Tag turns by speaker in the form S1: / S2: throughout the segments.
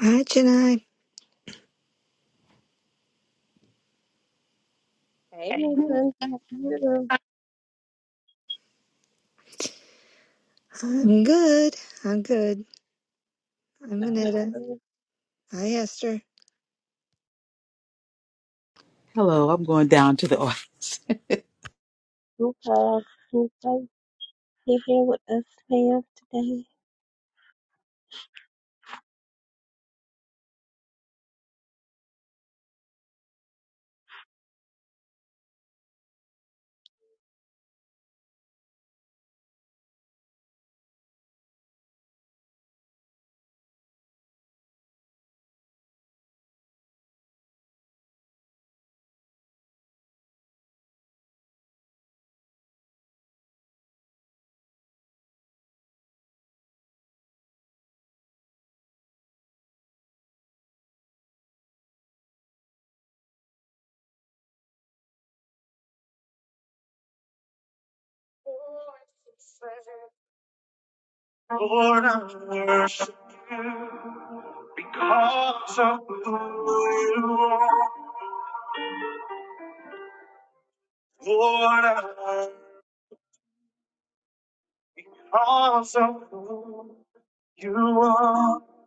S1: Hi, Janai.
S2: Hey, Miss Lindsay, how are you?
S1: I'm good. I'm good. I'm Anita.
S2: I'm
S1: Hi, Esther.
S3: Hello, I'm going down to the audience.
S2: so glad you guys are here with us, ma'am, today. Lord, I worship you because of who you are. Lord, I worship You because of who you are. I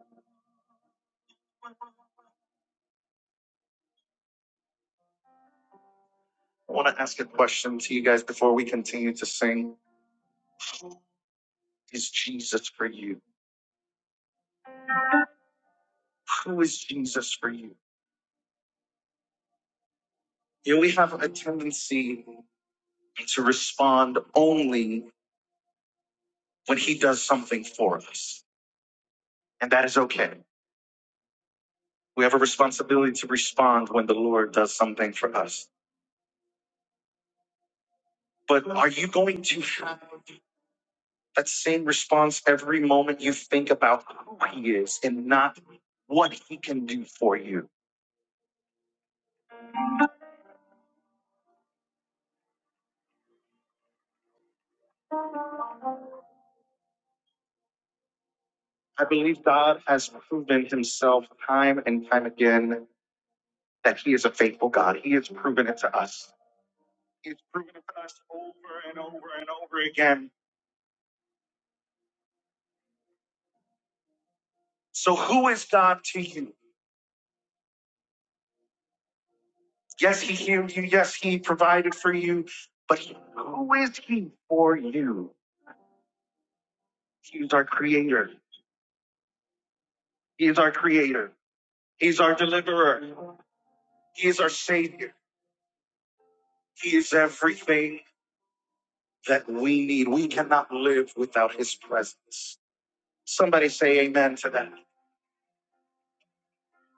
S2: want to ask a question to you guys before we continue to sing. Is Jesus for you? Who is Jesus for you? You know, we have a tendency to respond only. when he does something for us. And that is okay. We have a responsibility to respond when the Lord does something for us. But are you going to have that same response every moment you think about who he is and not what he can do for you? I believe God has proven himself time and time again that he is a faithful God. He has proven it to us. He has proven it to us over and over and over again. So who is God to you? Yes, he healed you. Yes, he provided for you. But who is he for you? He's our creator. He is our creator. He's our deliverer. He is our savior. He is everything that we need. We cannot live without his presence. Somebody say amen to that.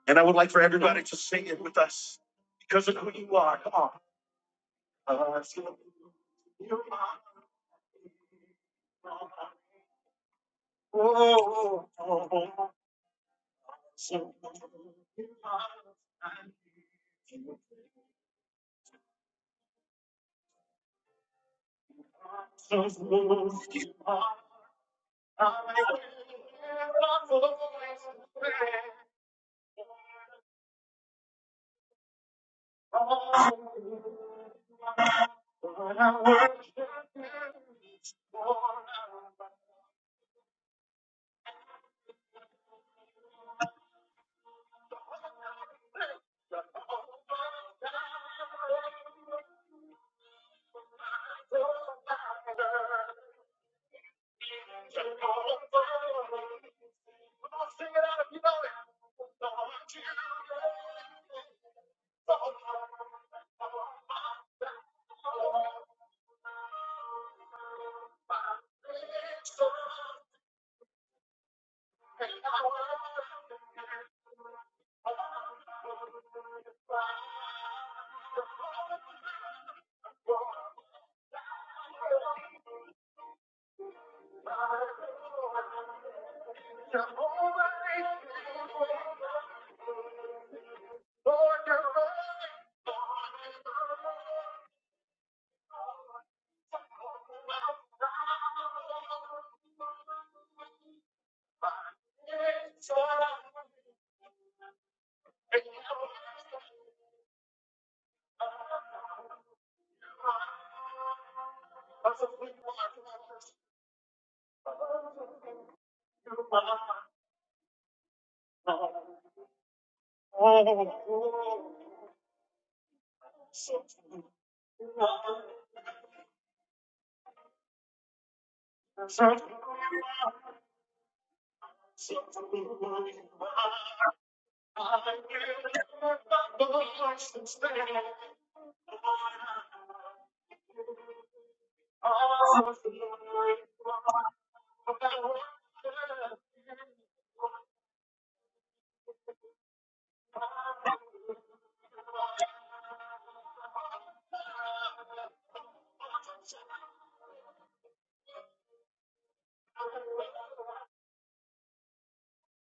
S2: And I would like for everybody to sing it with us because of who you are. Come on. Uh, you are. Oh, oh, oh, oh, So,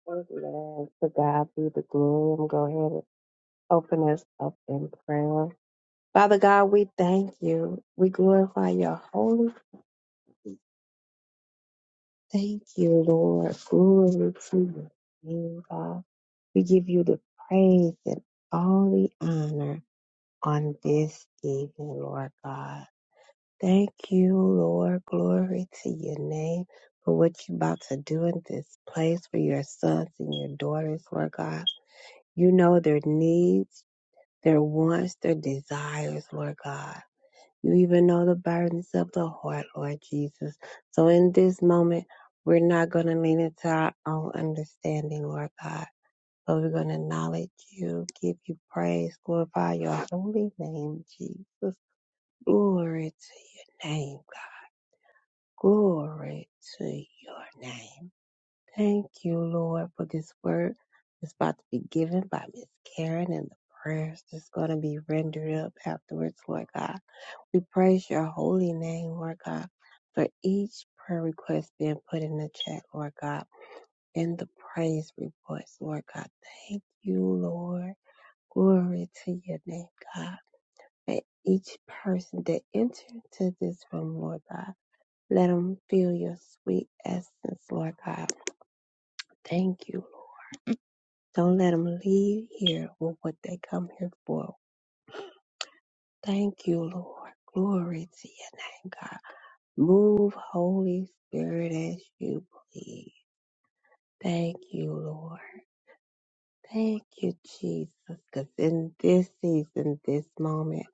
S2: Amen. To God be the glory. I'm going to go ahead and open us up in prayer. Father God, we thank you. We glorify your holy. Thank you, Lord. Glory to your name, God. We give you the praise and all the honor on this evening, Lord God. Thank you, Lord. Glory to your name for what you're about to do in this place for your sons and your daughters, Lord God. You know their needs, their wants, their desires, Lord God. You even know the burdens of the heart, Lord Jesus. So in this moment, we're not going to lean into our own understanding, Lord God. But we're going to acknowledge you, give you praise, glorify your holy name, Jesus. Glory to your name. Glory to your name. Thank you, Lord, for this word that's about to be given by Miss Karen and the prayers that's going to be rendered up afterwards, Lord God. We praise your holy name, Lord God, for each prayer request being put in the chat, Lord God, and the praise reports, Lord God. Thank you, Lord. Glory to your name, God. And each person that entered into this room, Lord God. Let them feel your sweet essence, Lord God. Thank you, Lord. Don't let them leave here with what they come here for. Thank you, Lord. Glory to your name, God. Move, Holy Spirit, as you please. Thank you, Lord. Thank you, Jesus, because in this season, this moment,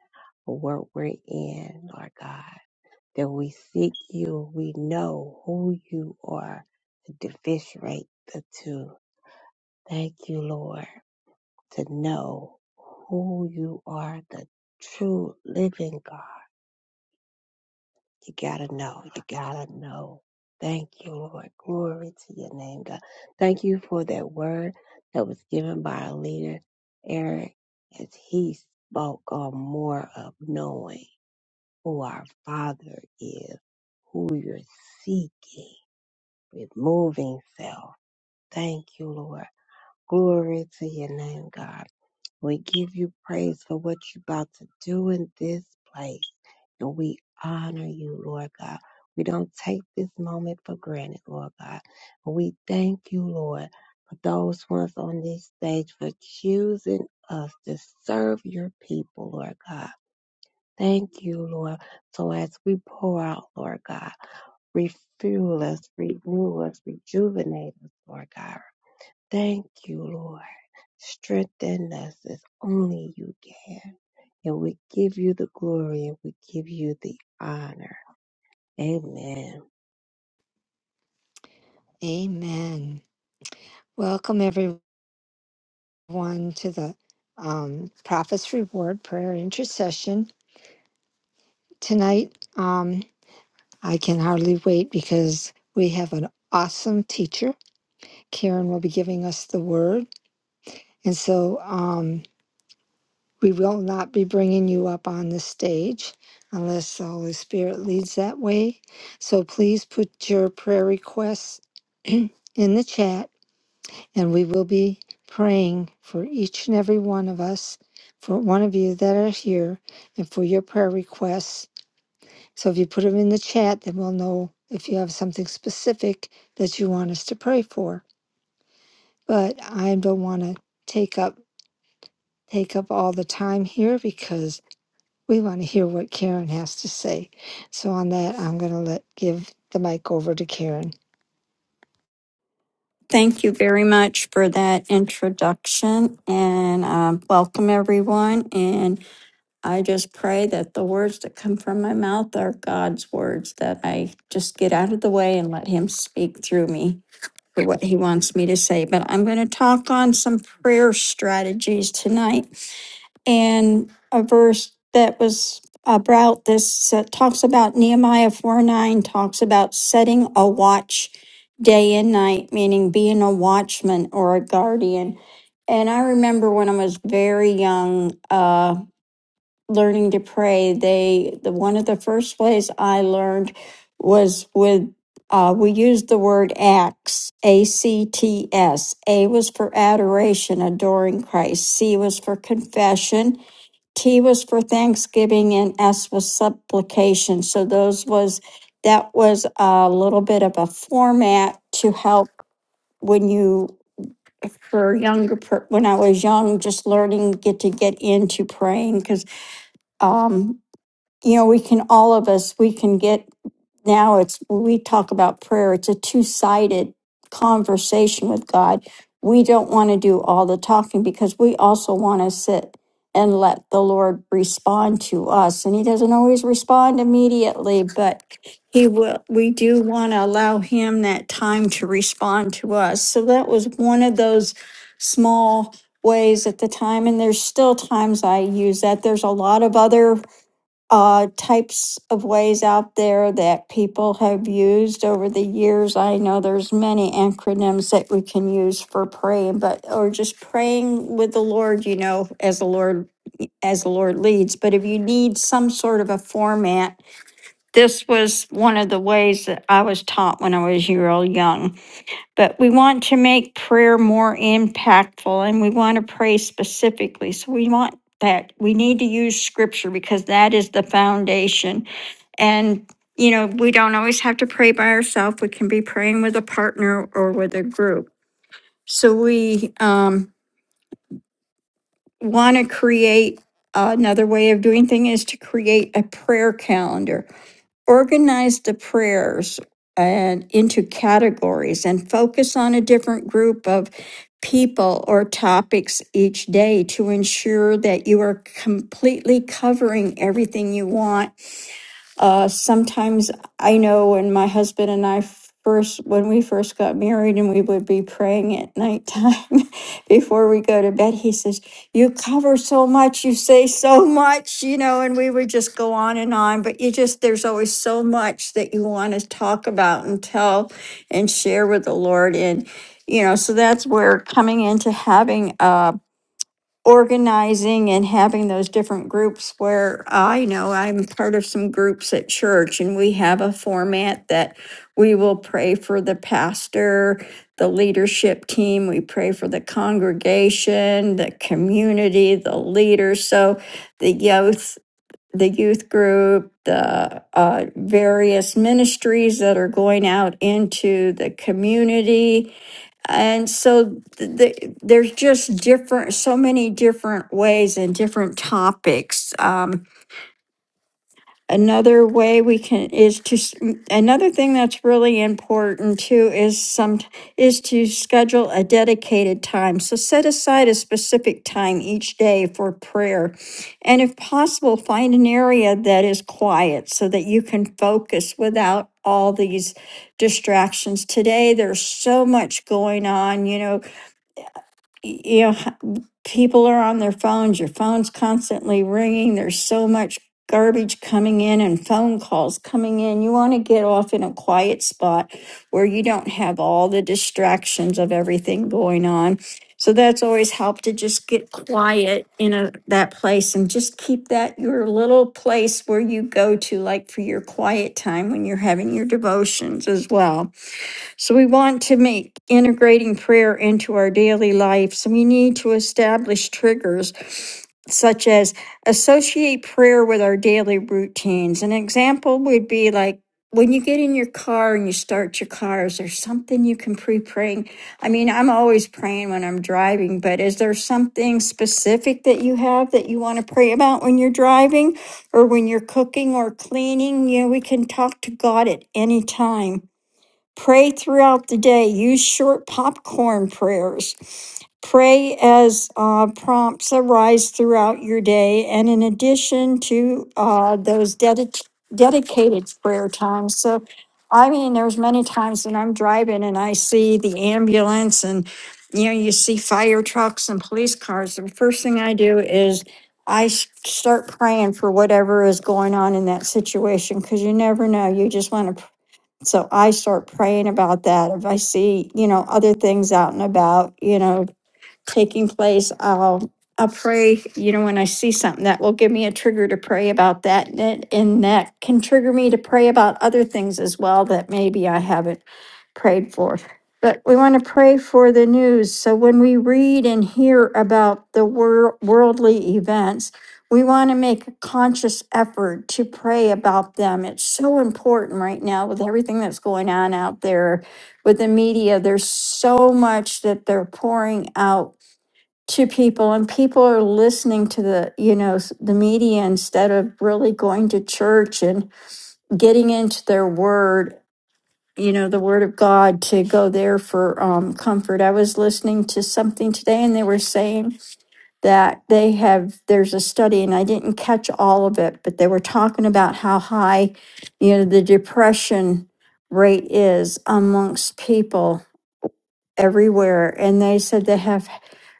S2: what we're in, Lord God, that we seek you, we know who you are, to differentiate the two. Thank you, Lord, to know who you are, the true living God. You gotta know. You gotta know. Thank you, Lord. Glory to your name, God. Thank you for that word that was given by our leader, Eric, as he spoke on more of knowing who our Father is, who you're seeking, removing self. Thank you, Lord. Glory to your name, God. We give you praise for what you're about to do in this place. And we honor you, Lord God. We don't take this moment for granted, Lord God. And we thank you, Lord, for those ones on this stage for choosing us to serve your people, Lord God. Thank you, Lord. So as we pour out, Lord God, refuel us, renew us, rejuvenate us, Lord God. Thank you, Lord. Strengthen us as only you can. And we give you the glory and we give you the honor. Amen.
S1: Amen. Welcome, everyone, to the um, Prophet's Reward Prayer Intercession tonight. Um, I can hardly wait because we have an awesome teacher. Karen will be giving us the word. And so, um, We will not be bringing you up on the stage unless the Holy Spirit leads that way. So please put your prayer requests in the chat and we will be praying for each and every one of us, for one of you that are here, and for your prayer requests. So if you put them in the chat, then we'll know if you have something specific that you want us to pray for. But I don't want to take up take up all the time here because We want to hear what Karen has to say. So on that, I'm going to let give the mic over to Karen.
S4: Thank you very much for that introduction and um, welcome everyone. And I just pray that the words that come from my mouth are God's words, that I just get out of the way and let Him speak through me for what He wants me to say. But I'm going to talk on some prayer strategies tonight and a verse that was about this uh, talks about Nehemiah 4 9 talks about setting a watch day and night, meaning being a watchman or a guardian. And I remember when I was very young, uh, learning to pray, they the one of the first ways I learned was with uh, we used the word acts, A C T S. A was for adoration, adoring Christ. C was for confession. T was for Thanksgiving and S was supplication. So those was that was a little bit of a format to help when you for younger per- when I was young, just learning get to get into praying because um, you know, we can, all of us, we can get, now it's, we talk about prayer, it's a two sided conversation with God. We don't want to do all the talking because we also want to sit and let the Lord respond to us. And He doesn't always respond immediately, but He will, we do want to allow Him that time to respond to us. So that was one of those small ways at the time. And there's still times I use that. There's a lot of other uh, types of ways out there that people have used over the years. I know there's many acronyms that we can use for praying, but or just praying with the Lord, you know, as the Lord as the Lord leads. But if you need some sort of a format, this was one of the ways that I was taught when I was real young. But we want to make prayer more impactful and we want to pray specifically. So we want that we need to use scripture because that is the foundation and, you know, we don't always have to pray by ourselves. We can be praying with a partner or with a group. So we um, want to create another way of doing thing is to create a prayer calendar. Organize the prayers and into categories and focus on a different group of people or topics each day to ensure that you are completely covering everything you want Uh, sometimes I know when my husband and I first, when we first got married and we would be praying at nighttime before we go to bed, he says, You cover so much, you say so much, you know, and we would just go on and on. But you just, there's always so much that you want to talk about and tell and share with the Lord. And, you know, so that's where coming into having a organizing and having those different groups where I know I'm part of some groups at church and we have a format that we will pray for the pastor, the leadership team, we pray for the congregation, the community, the leaders. So the youth, the youth group, the uh, various ministries that are going out into the community and so th- th- there's just different, so many different ways and different topics. Um, another way we can is to s- m- another thing that's really important too is some is to schedule a dedicated time. So set aside a specific time each day for prayer, and if possible, find an area that is quiet so that you can focus without all these distractions. Today, there's so much going on. You know, y- you know, h- people are on their phones, your phone's constantly ringing. There's so much garbage coming in and phone calls coming in. You want to get off in a quiet spot where you don't have all the distractions of everything going on. So that's always helped to just get quiet in a, that place and just keep that your little place where you go to, like for your quiet time when you're having your devotions as well. So we want to make integrating prayer into our daily lives. So We need to establish triggers such as associate prayer with our daily routines. An example would be like when you get in your car and you start your car, is there something you can pre praying? I mean, I'm always praying when I'm driving, but is there something specific that you have that you want to pray about when you're driving or when you're cooking or cleaning? You know, we can talk to God at any time. Pray throughout the day. Use short popcorn prayers. Pray as uh, prompts arise throughout your day. And in addition to uh, those dedic- dedicated prayer times. So, I mean, there's many times when I'm driving and I see the ambulance and you know, you see fire trucks and police cars. The first thing I do is I s- start praying for whatever is going on in that situation because you never know. You just want to so I start praying about that. If I see, you know, other things out and about, you know, taking place, I'll, I'll pray, you know, when I see something that will give me a trigger to pray about that. And that, and that can trigger me to pray about other things as well that maybe I haven't prayed for. But we want to pray for the news. So when we read and hear about the wor- worldly events, we want to make a conscious effort to pray about them. It's so important right now with everything that's going on out there with the media. There's so much that they're pouring out to people and people are listening to the you know s- the media instead of really going to church and getting into their word you know the word of god to go there for um, comfort i was listening to something today and they were saying that they have there's a study and i didn't catch all of it but they were talking about how high you know the depression rate is amongst people everywhere and they said they have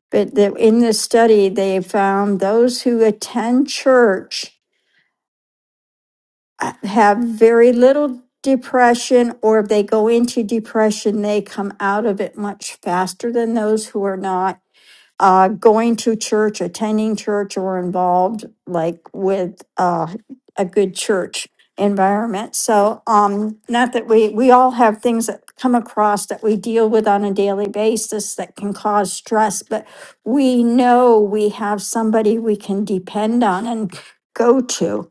S4: but the, in the study, they found those who attend church uh, have very little depression, or if they go into depression, they come out of it much faster than those who are not uh, going to church, attending church, or involved like with uh, a good church environment. So, um, not that we we all have things that come across that we deal with on a daily basis that can cause stress, but we know we have somebody we can depend on and go to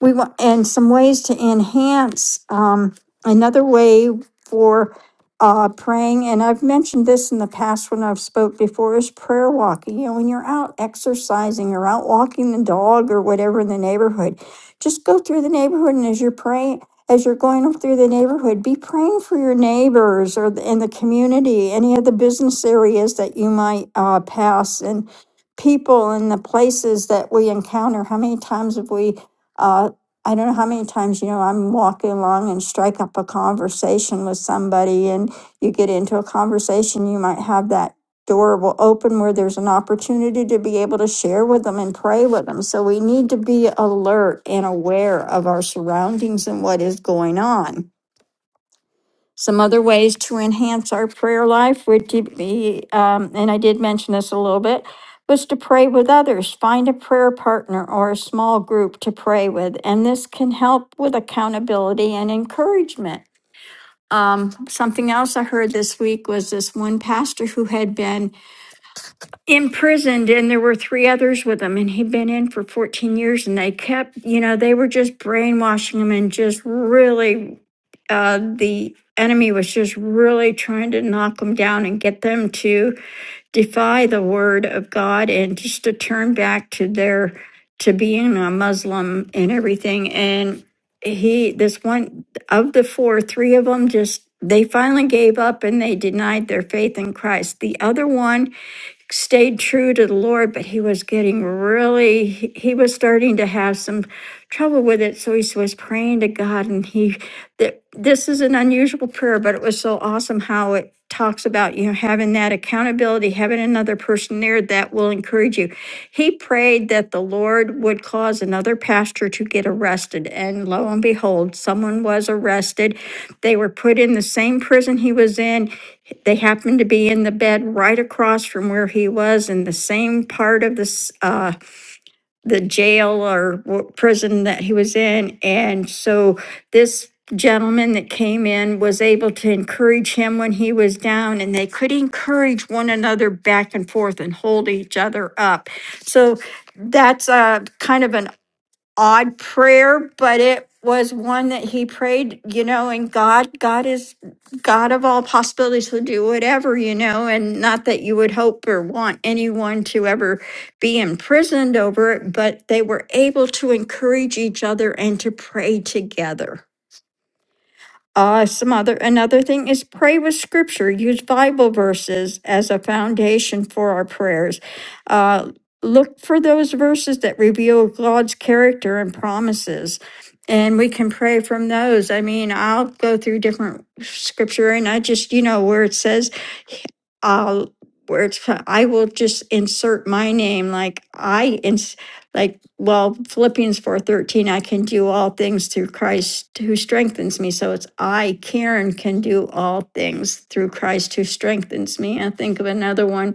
S4: we want, and some ways to enhance, um, another way for, uh, praying, and I've mentioned this in the past when I've spoke before, is prayer walking. You know, when you're out exercising or out walking the dog or whatever in the neighborhood, just go through the neighborhood and as you're praying, as you're going through the neighborhood, be praying for your neighbors or the- in the community, any of the business areas that you might, uh, pass and people and the places that we encounter. How many times have we, uh, I don't know how many times, you know, I'm walking along and strike up a conversation with somebody, and you get into a conversation, you might have that door will open where there's an opportunity to be able to share with them and pray with them. So we need to be alert and aware of our surroundings and what is going on. Some other ways to enhance our prayer life would to be, um, and I did mention this a little bit, was to pray with others. Find a prayer partner or a small group to pray with, and this can help with accountability and encouragement. Um, something else I heard this week was this one pastor who had been imprisoned, and there were three others with him, and he'd been in for 14 years, and they kept, you know, they were just brainwashing him and just really uh, the enemy was just really trying to knock them down and get them to defy the word of God and just to turn back to their to being a Muslim and everything. And he, this one of the four, three of them just they finally gave up and they denied their faith in Christ. The other one stayed true to the Lord, but he was getting really, he he was starting to have some trouble with it. So he s- was praying to God, and he, that this is an unusual prayer, but it was so awesome how it talks about, you know, having that accountability, having another person there that will encourage encourage you. He prayed that the Lord would cause another pastor to get arrested. And lo and behold, someone was arrested. They were put in the same prison he was in. They happened to be in the bed right across from where he was in the same part of this uh, the jail or w- prison that he was in. And so this gentleman that came in was able to encourage him when he was down, and they could encourage one another back and forth and hold each other up. So that's uh, kind of an odd prayer, but it was one that he prayed, you know, and God, God is God of all possibilities will do whatever, you know, and not that you would hope or want anyone to ever be imprisoned over it, but they were able to encourage each other and to pray together. Uh, some other, another thing is pray with scripture. Use Bible verses as a foundation for our prayers. Uh, look for those verses that reveal God's character and promises. And we can pray from those. I mean, I'll go through different scripture and I just, you know, where it says, I'll, where it's, I will just insert my name, like I ins like, well, Philippians four thirteen, I can do all things through Christ who strengthens me. So it's I, Karen, can do all things through Christ who strengthens me. I think of another one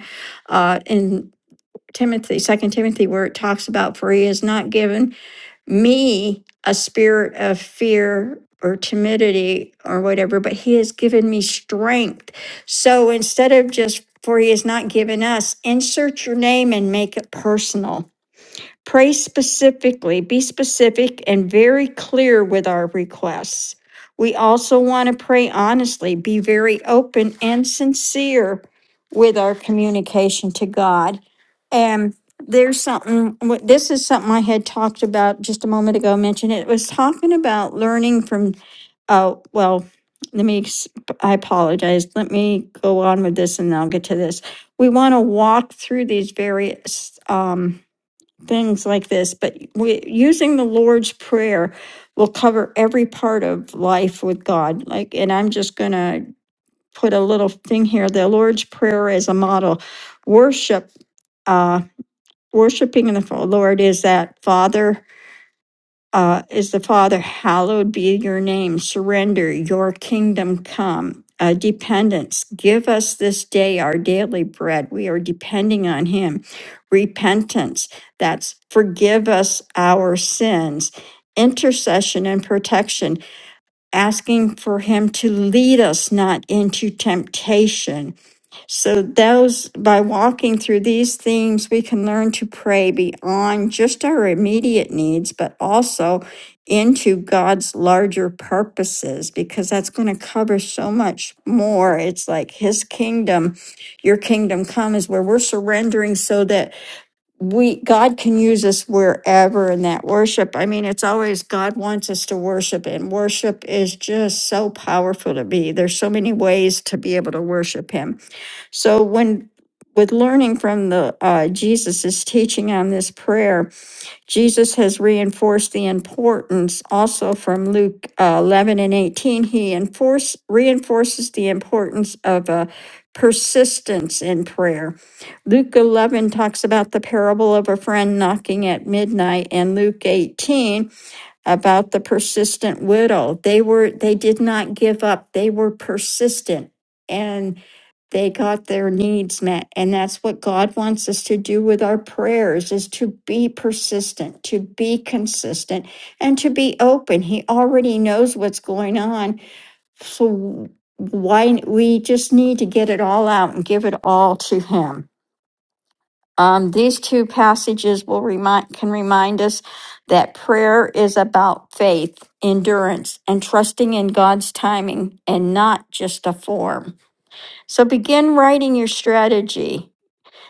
S4: uh, in Timothy, Second Timothy, where it talks about for he has not given me a spirit of fear or timidity or whatever, but he has given me strength. So instead of just for he has not given us, insert your name and make it personal Pray specifically, be specific and very clear with our requests. We also want to pray honestly, be very open and sincere with our communication to God. And there's something, wh- this is something I had talked about just a moment ago, mentioned it It was talking about learning from, oh, well, let me, ex- I apologize. Let me go on with this and then I'll get to this. We want to walk through these various, um, things like this, but we, using the Lord's Prayer will cover every part of life with God. Like, and I'm just going to put a little thing here the Lord's Prayer is a model. Worship, uh, worshiping the Lord is that Father uh, is the Father, hallowed be your name, surrender, your kingdom come. Uh, dependence, give us this day our daily bread. We are depending on Him. Repentance, that's forgive us our sins. Intercession and protection, asking for Him to lead us not into temptation so those by walking through these themes, we can learn to pray beyond just our immediate needs, but also into God's larger purposes, because that's going to cover so much more. It's like his kingdom, your kingdom come is where we're surrendering so that we God can use us wherever in that worship. I mean, it's always God wants us to worship, and worship is just so powerful to me. There's so many ways to be able to worship him so when, with learning from the uh, Jesus's teaching on this prayer, Jesus has reinforced the importance also from Luke uh, 11 and 18. He enforce, reinforces the importance of uh, persistence in prayer. Luke 11 talks about the parable of a friend knocking at midnight and Luke 18 about the persistent widow. They were they did not give up. They were persistent. And they got their needs met and that's what god wants us to do with our prayers is to be persistent to be consistent and to be open he already knows what's going on so why we just need to get it all out and give it all to him um, these two passages will remind can remind us that prayer is about faith endurance and trusting in god's timing and not just a form so begin writing your strategy.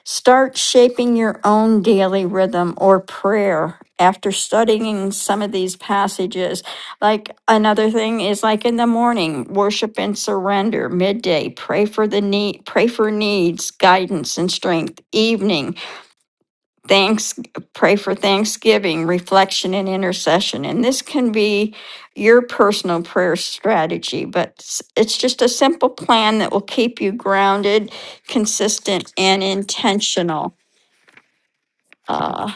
S4: Start shaping your own daily rhythm or prayer after studying some of these passages. Like another thing is like in the morning, worship and surrender, midday, pray for the need, pray for needs, guidance and strength, evening, thanks pray for thanksgiving reflection and intercession and this can be your personal prayer strategy but s- it's just a simple plan that will keep you grounded consistent and intentional uh,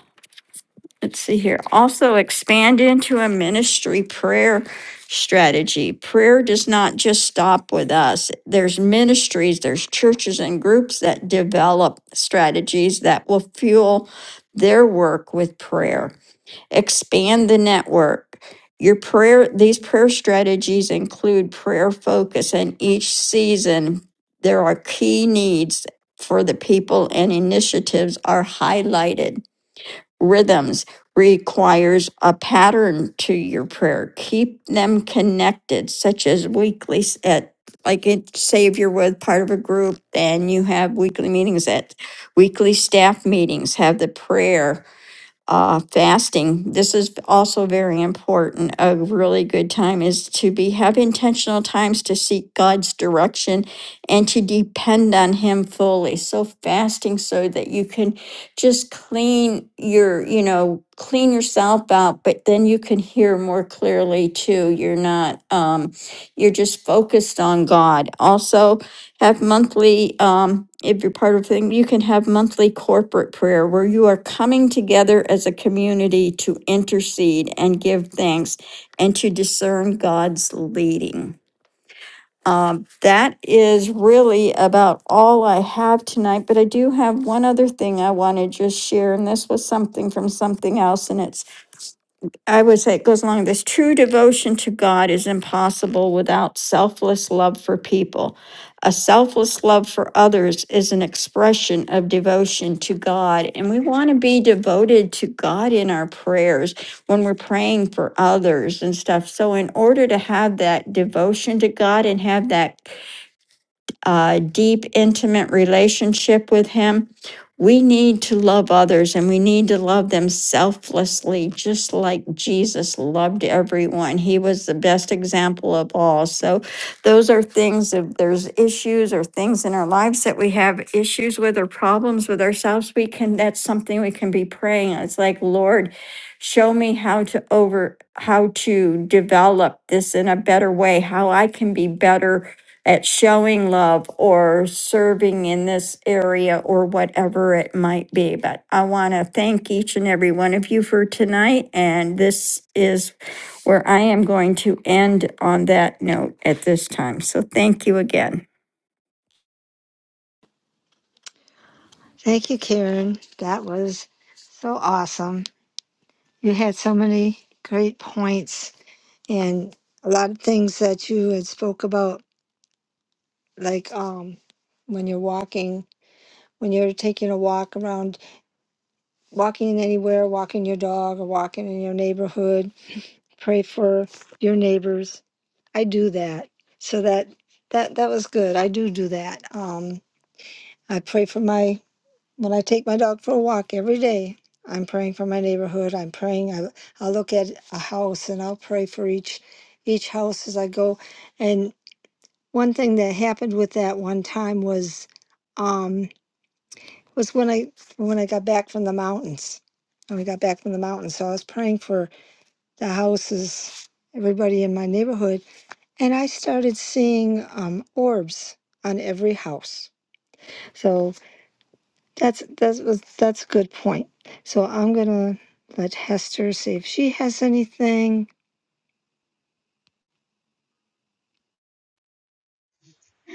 S4: let's see here also expand into a ministry prayer strategy prayer does not just stop with us there's ministries there's churches and groups that develop strategies that will fuel their work with prayer expand the network. Your prayer, these prayer strategies include prayer focus, and each season there are key needs for the people and initiatives are highlighted. Rhythms requires a pattern to your prayer. Keep them connected, such as weekly at like it say if you're with part of a group, then you have weekly meetings at weekly staff meetings, have the prayer uh, fasting, this is also very important. A really good time is to be have intentional times to seek God's direction and to depend on Him fully. So fasting so that you can just clean your, you know, clean yourself out, but then you can hear more clearly too. You're not, um, you're just focused on God. Also, have monthly, um, if you're part of thing, you can have monthly corporate prayer where you are coming together as a community to intercede and give thanks and to discern God's leading. Um, that is really about all I have tonight, but I do have one other thing I want to just share, and this was something from something else, and it's I would say it goes along this true devotion to God is impossible without selfless love for people. A selfless love for others is an expression of devotion to God. And we want to be devoted to God in our prayers when we're praying for others and stuff. So, in order to have that devotion to God and have that a deep, intimate relationship with Him. We need to love others and we need to love them selflessly, just like Jesus loved everyone. He was the best example of all. So, those are things if there's issues or things in our lives that we have issues with or problems with ourselves, we can, that's something we can be praying. It's like, Lord, show me how to over, how to develop this in a better way, how I can be better at showing love or serving in this area or whatever it might be. But I want to thank each and every one of you for tonight. And this is where I am going to end on that note at this time. So thank you again.
S1: Thank you, Karen. That was so awesome. You had so many great points and a lot of things that you had spoke about, like um, when you're walking, when you're taking a walk around, walking anywhere, walking your dog, or walking in your neighborhood pray for your neighbors. I do that. So that that that was good. I do do that. Um, I pray for my when I take my dog for a walk every day. I'm praying for my neighborhood. I'm praying. I I look at a house and I'll pray for each each house as I go. And one thing that happened with that one time was um, was when I when I got back from the mountains. When we got back from the mountains, so I was praying for the houses, everybody in my neighborhood, and I started seeing um, orbs on every house. So that's that's was- that's a good point. So I'm gonna let Hester see if she has anything.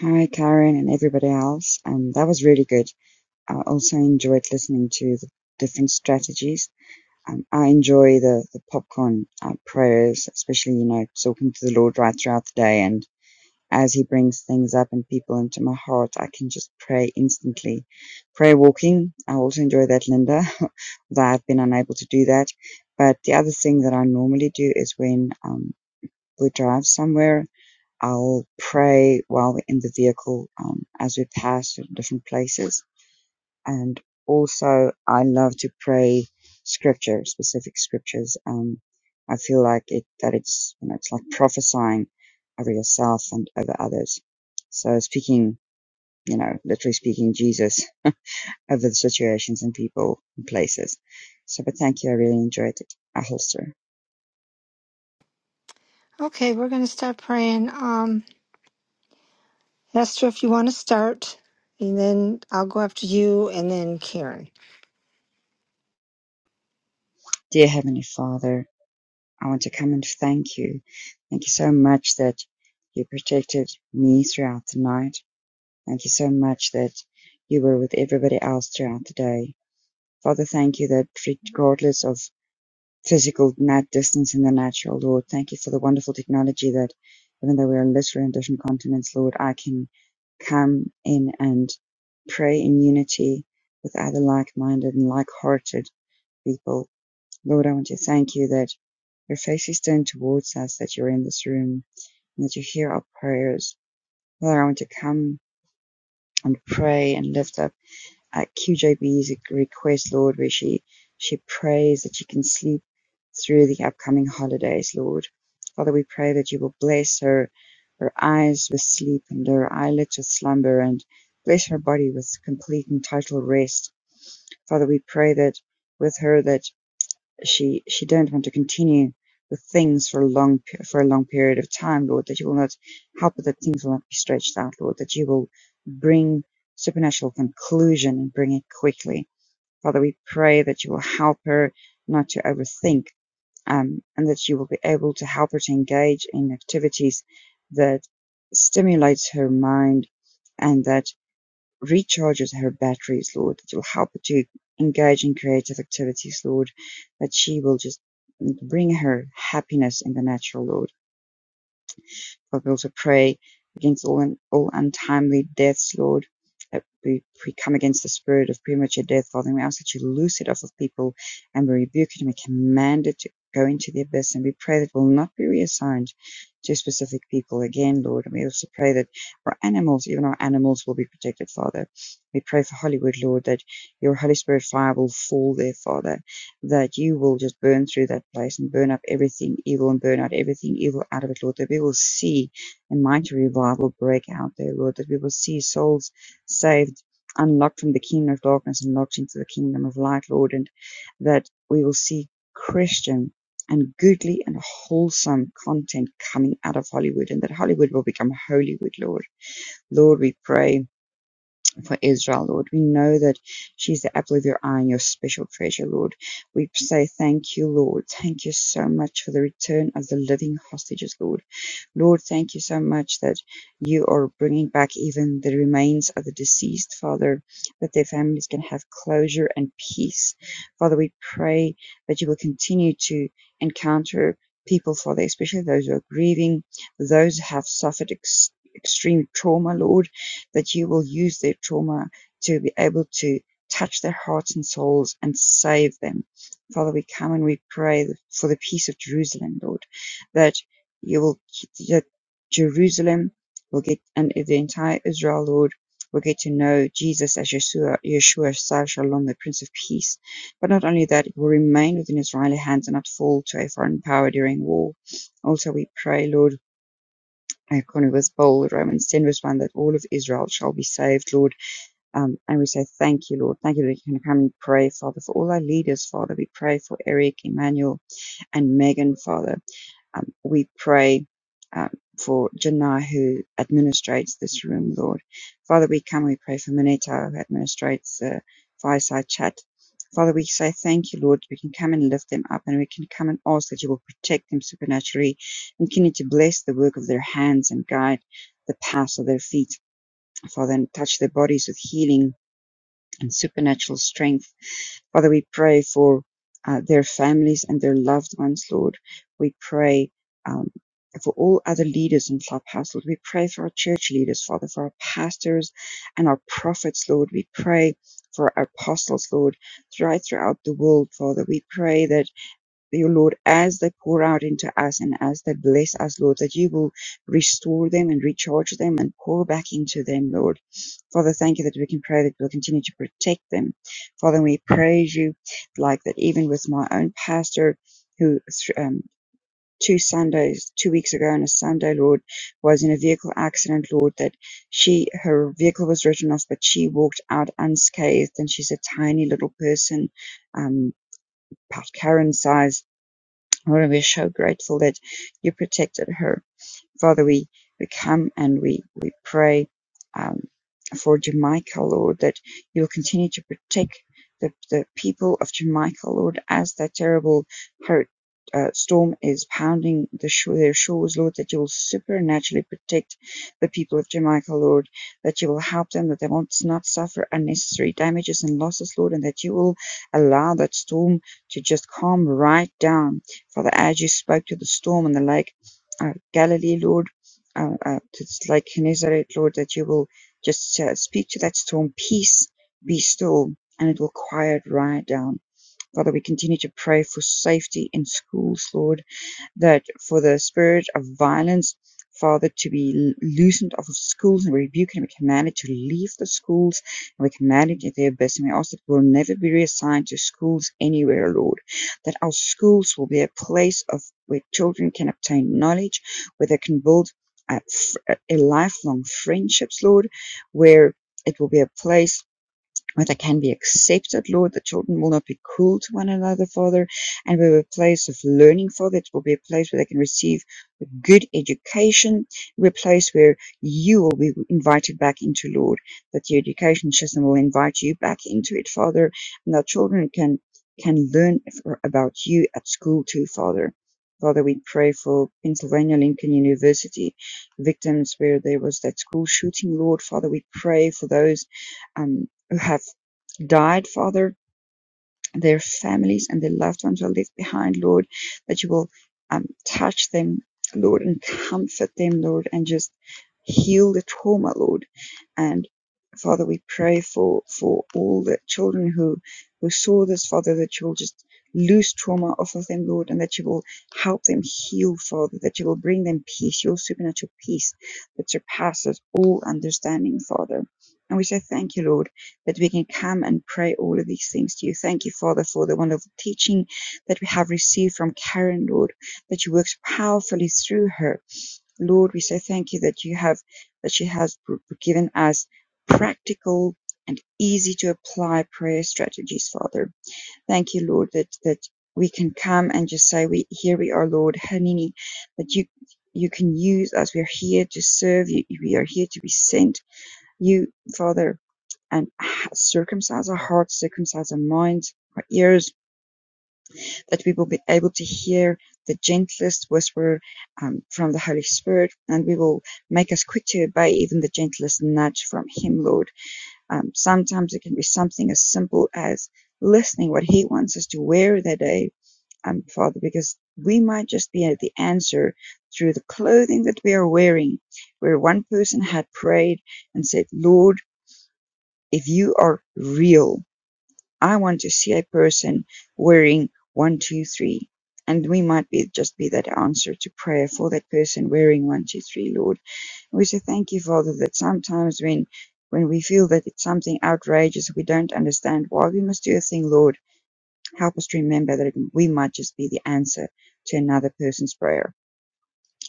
S5: Hi, Karen, and everybody else. Um, that was really good. I also enjoyed listening to the different strategies. Um, I enjoy the, the popcorn uh, prayers, especially, you know, talking to the Lord right throughout the day. And as He brings things up and people into my heart, I can just pray instantly. Prayer walking, I also enjoy that, Linda, although I've been unable to do that. But the other thing that I normally do is when um, we drive somewhere I'll pray while we're in the vehicle um, as we pass different places. And also, I love to pray scripture, specific scriptures. Um, I feel like it that it's you know it's like prophesying over yourself and over others. So speaking, you know, literally speaking Jesus over the situations and people and places. So, but thank you. I really enjoyed it. I holster.
S1: Okay, we're gonna start praying. Um, Hester, if you want to start, and then I'll go after you, and then Karen.
S5: Dear Heavenly Father, I want to come and thank you. Thank you so much that you protected me throughout the night. Thank you so much that you were with everybody else throughout the day. Father, thank you that regardless of physical nat distance in the natural, Lord, thank you for the wonderful technology that even though we're literally in different continents, Lord, I can come in and pray in unity with other like-minded and like-hearted people. Lord, I want to thank you that your face is turned towards us that you're in this room and that you hear our prayers. Father, I want to come and pray and lift up uh, QJB's request, Lord, where she, she prays that she can sleep through the upcoming holidays, Lord. Father, we pray that you will bless her, her eyes with sleep and her eyelids with slumber and bless her body with complete and total rest. Father, we pray that with her that she she don't want to continue with things for a long for a long period of time, Lord, that you will not help her, that things will not be stretched out, Lord, that you will bring supernatural conclusion and bring it quickly. Father, we pray that you will help her not to overthink, um, and that you will be able to help her to engage in activities that stimulates her mind, and that recharges her batteries, Lord. It will help her to engage in creative activities, Lord. That she will just bring her happiness in the natural, Lord. Help me also pray against all and all untimely deaths, Lord. That we, we come against the spirit of premature death, Father, and we ask that you loose it off of people and we rebuke it and we command it to go into the abyss. And we pray that it will not be reassigned to specific people again, Lord. And we also pray that our animals, even our animals, will be protected, Father. We pray for Hollywood, Lord, that your Holy Spirit fire will fall there, Father that you will just burn through that place and burn up everything evil and burn out everything evil out of it, Lord, that we will see a mighty revival break out there, Lord, that we will see souls saved, unlocked from the kingdom of darkness and locked into the kingdom of light, Lord, and that we will see Christian and goodly and wholesome content coming out of Hollywood and that Hollywood will become Holywood, Lord. Lord, we pray for Israel, Lord. We know that she's the apple of your eye and your special treasure, Lord. We say thank you, Lord. Thank you so much for the return of the living hostages, Lord. Lord, thank you so much that you are bringing back even the remains of the deceased, Father, that their families can have closure and peace. Father, we pray that you will continue to encounter people, Father, especially those who are grieving, those who have suffered ex- extreme trauma, Lord that you will use their trauma to be able to touch their hearts and souls and save them. Father, we come and we pray for the peace of Jerusalem, Lord, that you will, that Jerusalem will get, and the entire Israel, Lord, will get to know Jesus as Yeshua, Yeshua, Sar Shalom, the Prince of Peace. But not only that, it will remain within Israeli hands and not fall to a foreign power during war. Also, we pray, Lord and according with Paul, Romans 10, verse 1, that all of Israel shall be saved, Lord. Um, and we say, Thank you, Lord. Thank you, Lord. You can come and pray, Father, for all our leaders, Father. We pray for Eric, Emmanuel, and Megan, Father. Um, we pray um, for Jannah who administrates this room, Lord. Father, we come, we pray for Maneta who administrates the uh, fireside chat. Father, we say thank you, Lord. We can come and lift them up and we can come and ask that you will protect them supernaturally and continue to bless the work of their hands and guide the paths of their feet. Father, and touch their bodies with healing and supernatural strength. Father, we pray for uh, their families and their loved ones, Lord. We pray um, for all other leaders in Clubhouse, Lord. We pray for our church leaders, Father, for our pastors and our prophets, Lord. We pray for our apostles, Lord, right throughout the world, Father. We pray that thee, O Lord, as they pour out into us and as they bless us, Lord, that you will restore them and recharge them and pour back into them, Lord. Father, thank you that we can pray that we'll continue to protect them. Father, we praise you, like that, even with my own pastor, who um, two Sundays, two weeks ago on a Sunday, Lord, was in a vehicle accident, Lord, that she, her vehicle was written off, but she walked out unscathed and she's a tiny little person, um, about Karen's size we're so grateful that you protected her. Father, we, we come and we, we pray um, for Jamaica, Lord, that you will continue to protect the, the people of Jamaica, Lord, as that terrible hur- uh, storm is pounding the shore, their shores, Lord, that you will supernaturally protect the people of Jamaica, Lord, that you will help them, that they won't not suffer unnecessary damages and losses, Lord, and that you will allow that storm to just calm right down. Father, as you spoke to the storm on the lake, uh, Galilee, Lord, uh, uh, just like Gennesaret, Lord, that you will just uh, speak to that storm, peace be still, and it will quiet right down. Father, we continue to pray for safety in schools, Lord that for the spirit of violence, Father, to be loosened off of schools and we rebuke and we command it to leave the schools and we command it to the best, and we ask that it will never be reassigned to schools anywhere, Lord. That our schools will be a place of where children can obtain knowledge, where they can build a, a lifelong friendships, Lord, where it will be a place but they can be accepted, Lord, The children will not be cruel to one another, Father, and we will have a place of learning, Father. It will be a place where they can receive a good education, a place where you will be invited back into, Lord, that the education system will invite you back into it, Father, and our children can can learn about you at school too, Father. Father, we pray for Pennsylvania Lincoln University victims where there was that school shooting, Lord. Father, we pray for those. um, who have died, Father, their families and their loved ones are left behind, Lord, that you will um, touch them, Lord, and comfort them, Lord, and just heal the trauma, Lord. And Father, we pray for, for all the children who, who saw this, Father, that you will just loose trauma off of them, Lord, and that you will help them heal, Father, that you will bring them peace, your supernatural peace that surpasses all understanding, Father. And we say thank you, Lord that we can come and pray all of these things to you. Thank you, Father, for the wonderful teaching that we have received from Karen, Lord, that you worked powerfully through her. Lord, we say thank you that you have, that she has given us practical and easy to apply prayer strategies, Father. Thank you, Lord, that, that we can come and just say, we, here we are, Lord, Hanini, that you, you can use us. We are here to serve you. We are here to be sent. You, Father, and circumcise our hearts, circumcise our minds, our ears, that we will be able to hear the gentlest whisper um, from the Holy Spirit, and we will make us quick to obey even the gentlest nudge from Him, Lord. Um, sometimes it can be something as simple as listening what He wants us to wear that day, um, Father, because we might just be at the answer through the clothing that we are wearing. Where one person had prayed and said, Lord, if you are real, I want to see a person wearing one, two, three. And we might be just be that answer to prayer for that person wearing one, two, three, Lord. And We say thank you, Father, that sometimes when when we feel that it's something outrageous, we don't understand why we must do a thing, Lord. Help us to remember that we might just be the answer to another person's prayer.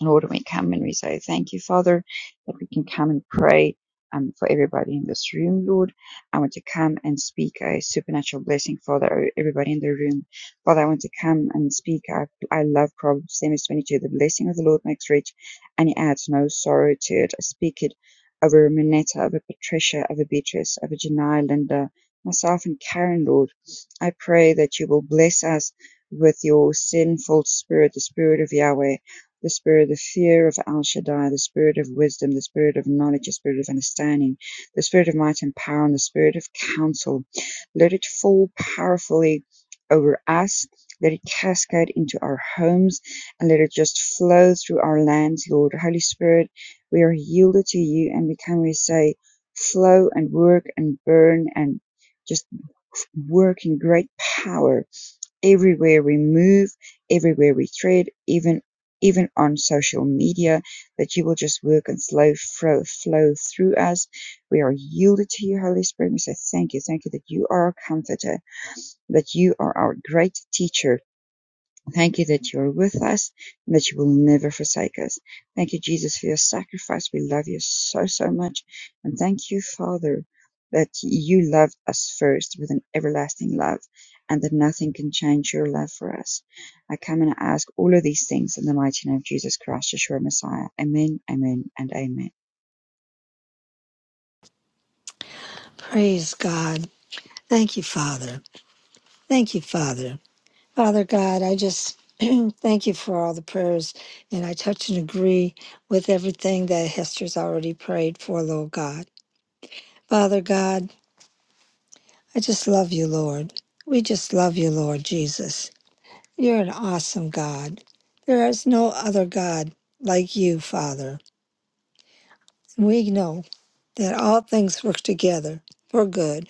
S5: Lord, when we come and we say thank you, Father, that we can come and pray um, for everybody in this room, Lord. I want to come and speak a supernatural blessing, Father, over everybody in the room. Father, I want to come and speak. I, I love Proverbs 22. The blessing of the Lord makes rich, and he adds no sorrow to it. I speak it over Minetta, over Patricia, over Beatrice, over Janai, Linda, myself, and Karen, Lord. I pray that you will bless us with your sinful spirit, the spirit of Yahweh the spirit of the fear of Al Shaddai, the spirit of wisdom, the spirit of knowledge, the spirit of understanding, the spirit of might and power, and the spirit of counsel. Let it fall powerfully over us. Let it cascade into our homes and let it just flow through our lands, Lord. Holy Spirit, we are yielded to you and we can we say, flow and work and burn and just work in great power everywhere we move, everywhere we tread, even even on social media, that you will just work and slow flow, flow through us. We are yielded to you, Holy Spirit. We say thank you, thank you that you are our comforter, that you are our great teacher, Thank you that you are with us and that you will never forsake us. Thank you, Jesus, for your sacrifice. We love you so, so much. And thank you, Father, that you loved us first with an everlasting love and that nothing can change your love for us. I come and ask all of these things in the mighty name of Jesus Christ, Yeshua Messiah. Amen, amen, and amen.
S1: Praise God. Thank you, Father. Thank you, Father. Father God, I just thank you for all the prayers, and I touch and agree with everything that Hester's already prayed for, Lord God. Father God, I just love you, Lord. We just love you, Lord Jesus. You're an awesome God. There is no other God like you, Father. We know that all things work together for good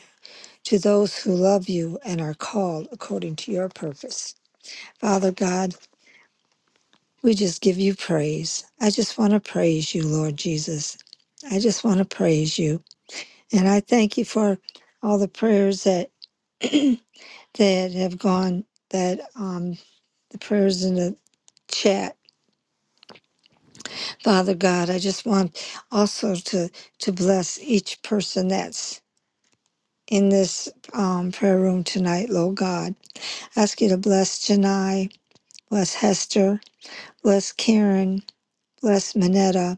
S1: to those who love you and are called according to your purpose. Father God, We just give you praise. I just want to praise you, Lord Jesus. I just want to praise you. And I thank you for all the prayers that that have gone that um the prayers in the chat. Father God, I just want also to to bless each person that's in this um, prayer room tonight, Lord God. Ask you to bless Janai, bless Hester, bless Karen, bless Manetta,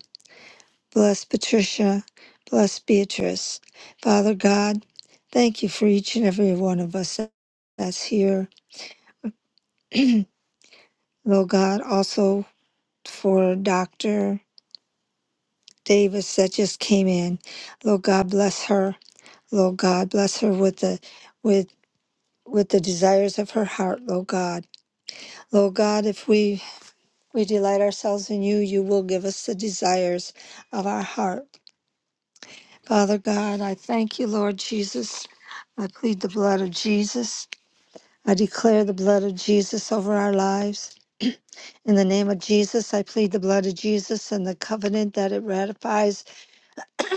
S1: Bless Patricia. Bless Beatrice. Father God, thank you for each and every one of us that's here. Lord God, also for Dr. Davis that just came in. Lord God, bless her. Lord God, bless her with the with with the desires of her heart, Lord God. Lord God, if we we delight ourselves in you, you will give us the desires of our heart. Father God, I thank you, Lord Jesus. I plead the blood of Jesus. I declare the blood of Jesus over our lives. In the name of Jesus, I plead the blood of Jesus and the covenant that it ratifies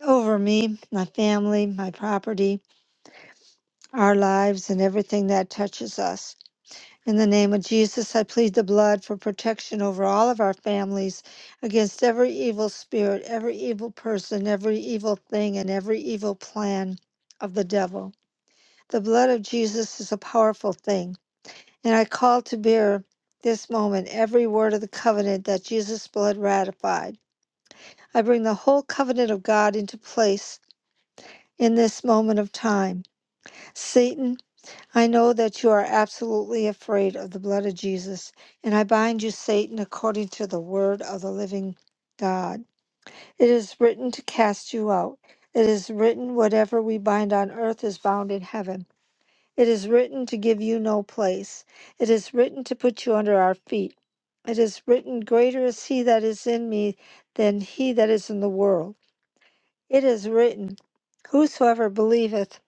S1: over me, my family, my property, our lives, and everything that touches us. In the name of Jesus, I plead the blood for protection over all of our families against every evil spirit, every evil person, every evil thing, and every evil plan of the devil. The blood of Jesus is a powerful thing, and I call to bear this moment every word of the covenant that Jesus' blood ratified. I bring the whole covenant of God into place in this moment of time. Satan, I know that you are absolutely afraid of the blood of Jesus, and I bind you, Satan, according to the word of the living God. It is written to cast you out. It is written, whatever we bind on earth is bound in heaven It is written to give you no place. It is written to put you under our feet. It is written, Greater is he that is in me than he that is in the world. It is written, Whosoever believeth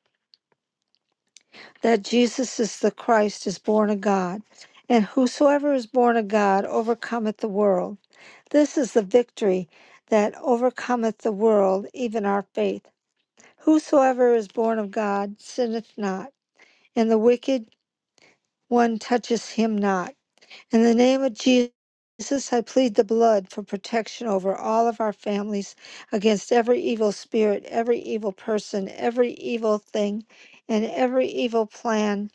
S1: that Jesus is the Christ is born of God, and whosoever is born of God overcometh the world. This is the victory that overcometh the world, even our faith. Whosoever is born of God sinneth not, and the wicked one touches him not. In the name of Jesus, I plead the blood for protection over all of our families against every evil spirit, every evil person, every evil thing, and every evil plan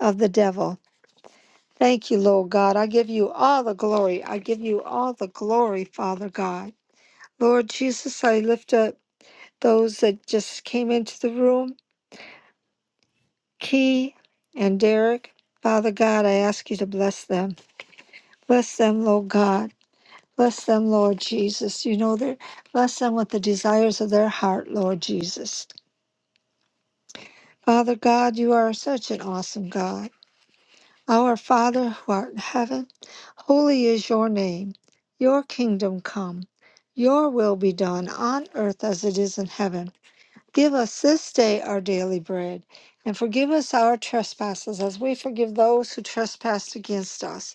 S1: of the devil. Thank you, Lord God. I give you all the glory. I give you all the glory, Father God. Lord Jesus, I lift up those that just came into the room, Key and Derek. Father God, I ask you to bless them. Bless them, Lord God. Bless them, Lord Jesus. You know, their- bless them with the desires of their heart, Lord Jesus. Father God, you are such an awesome God. Our Father who art in heaven, holy is your name. Your kingdom come. Your will be done on earth as it is in heaven. Give us this day our daily bread, and forgive us our trespasses as we forgive those who trespass against us.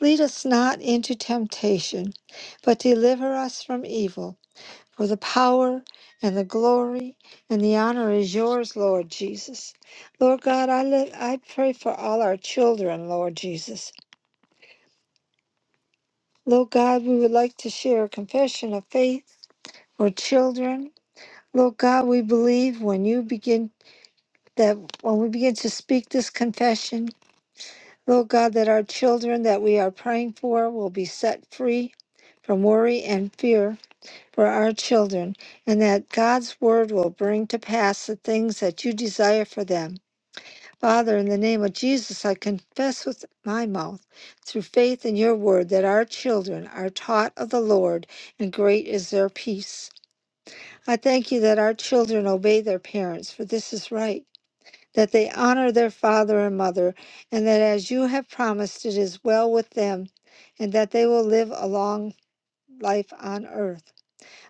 S1: Lead us not into temptation, but deliver us from evil. For the power and the glory and the honor is yours, Lord Jesus. Lord God, I, li- I pray for all our children, Lord Jesus. Lord God, we would like to share a confession of faith for children. Lord God, we believe when you begin that when we begin to speak this confession, Lord God, that our children that we are praying for will be set free from worry and fear for our children, and that God's word will bring to pass the things that you desire for them. Father, in the name of Jesus, I confess with my mouth, through faith in your word, that our children are taught of the Lord, and great is their peace. I thank you that our children obey their parents, for this is right, that they honor their father and mother, and that as you have promised, it is well with them, and that they will live a long life on earth.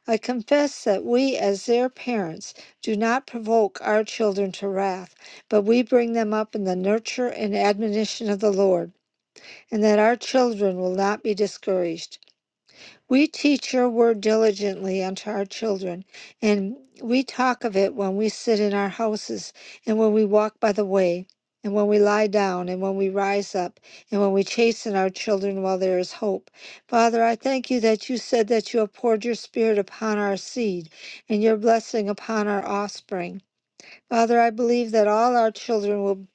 S1: I confess that we, as their parents, do not provoke our children to wrath, but we bring them up in the nurture and admonition of the Lord, and that our children will not be discouraged. We teach your word diligently unto our children, and we talk of it when we sit in our houses, and when we walk by the way, and when we lie down, and when we rise up, and when we chasten our children while there is hope. Father, I thank you that you said that you have poured your spirit upon our seed, and your blessing upon our offspring. Father, I believe that all our children will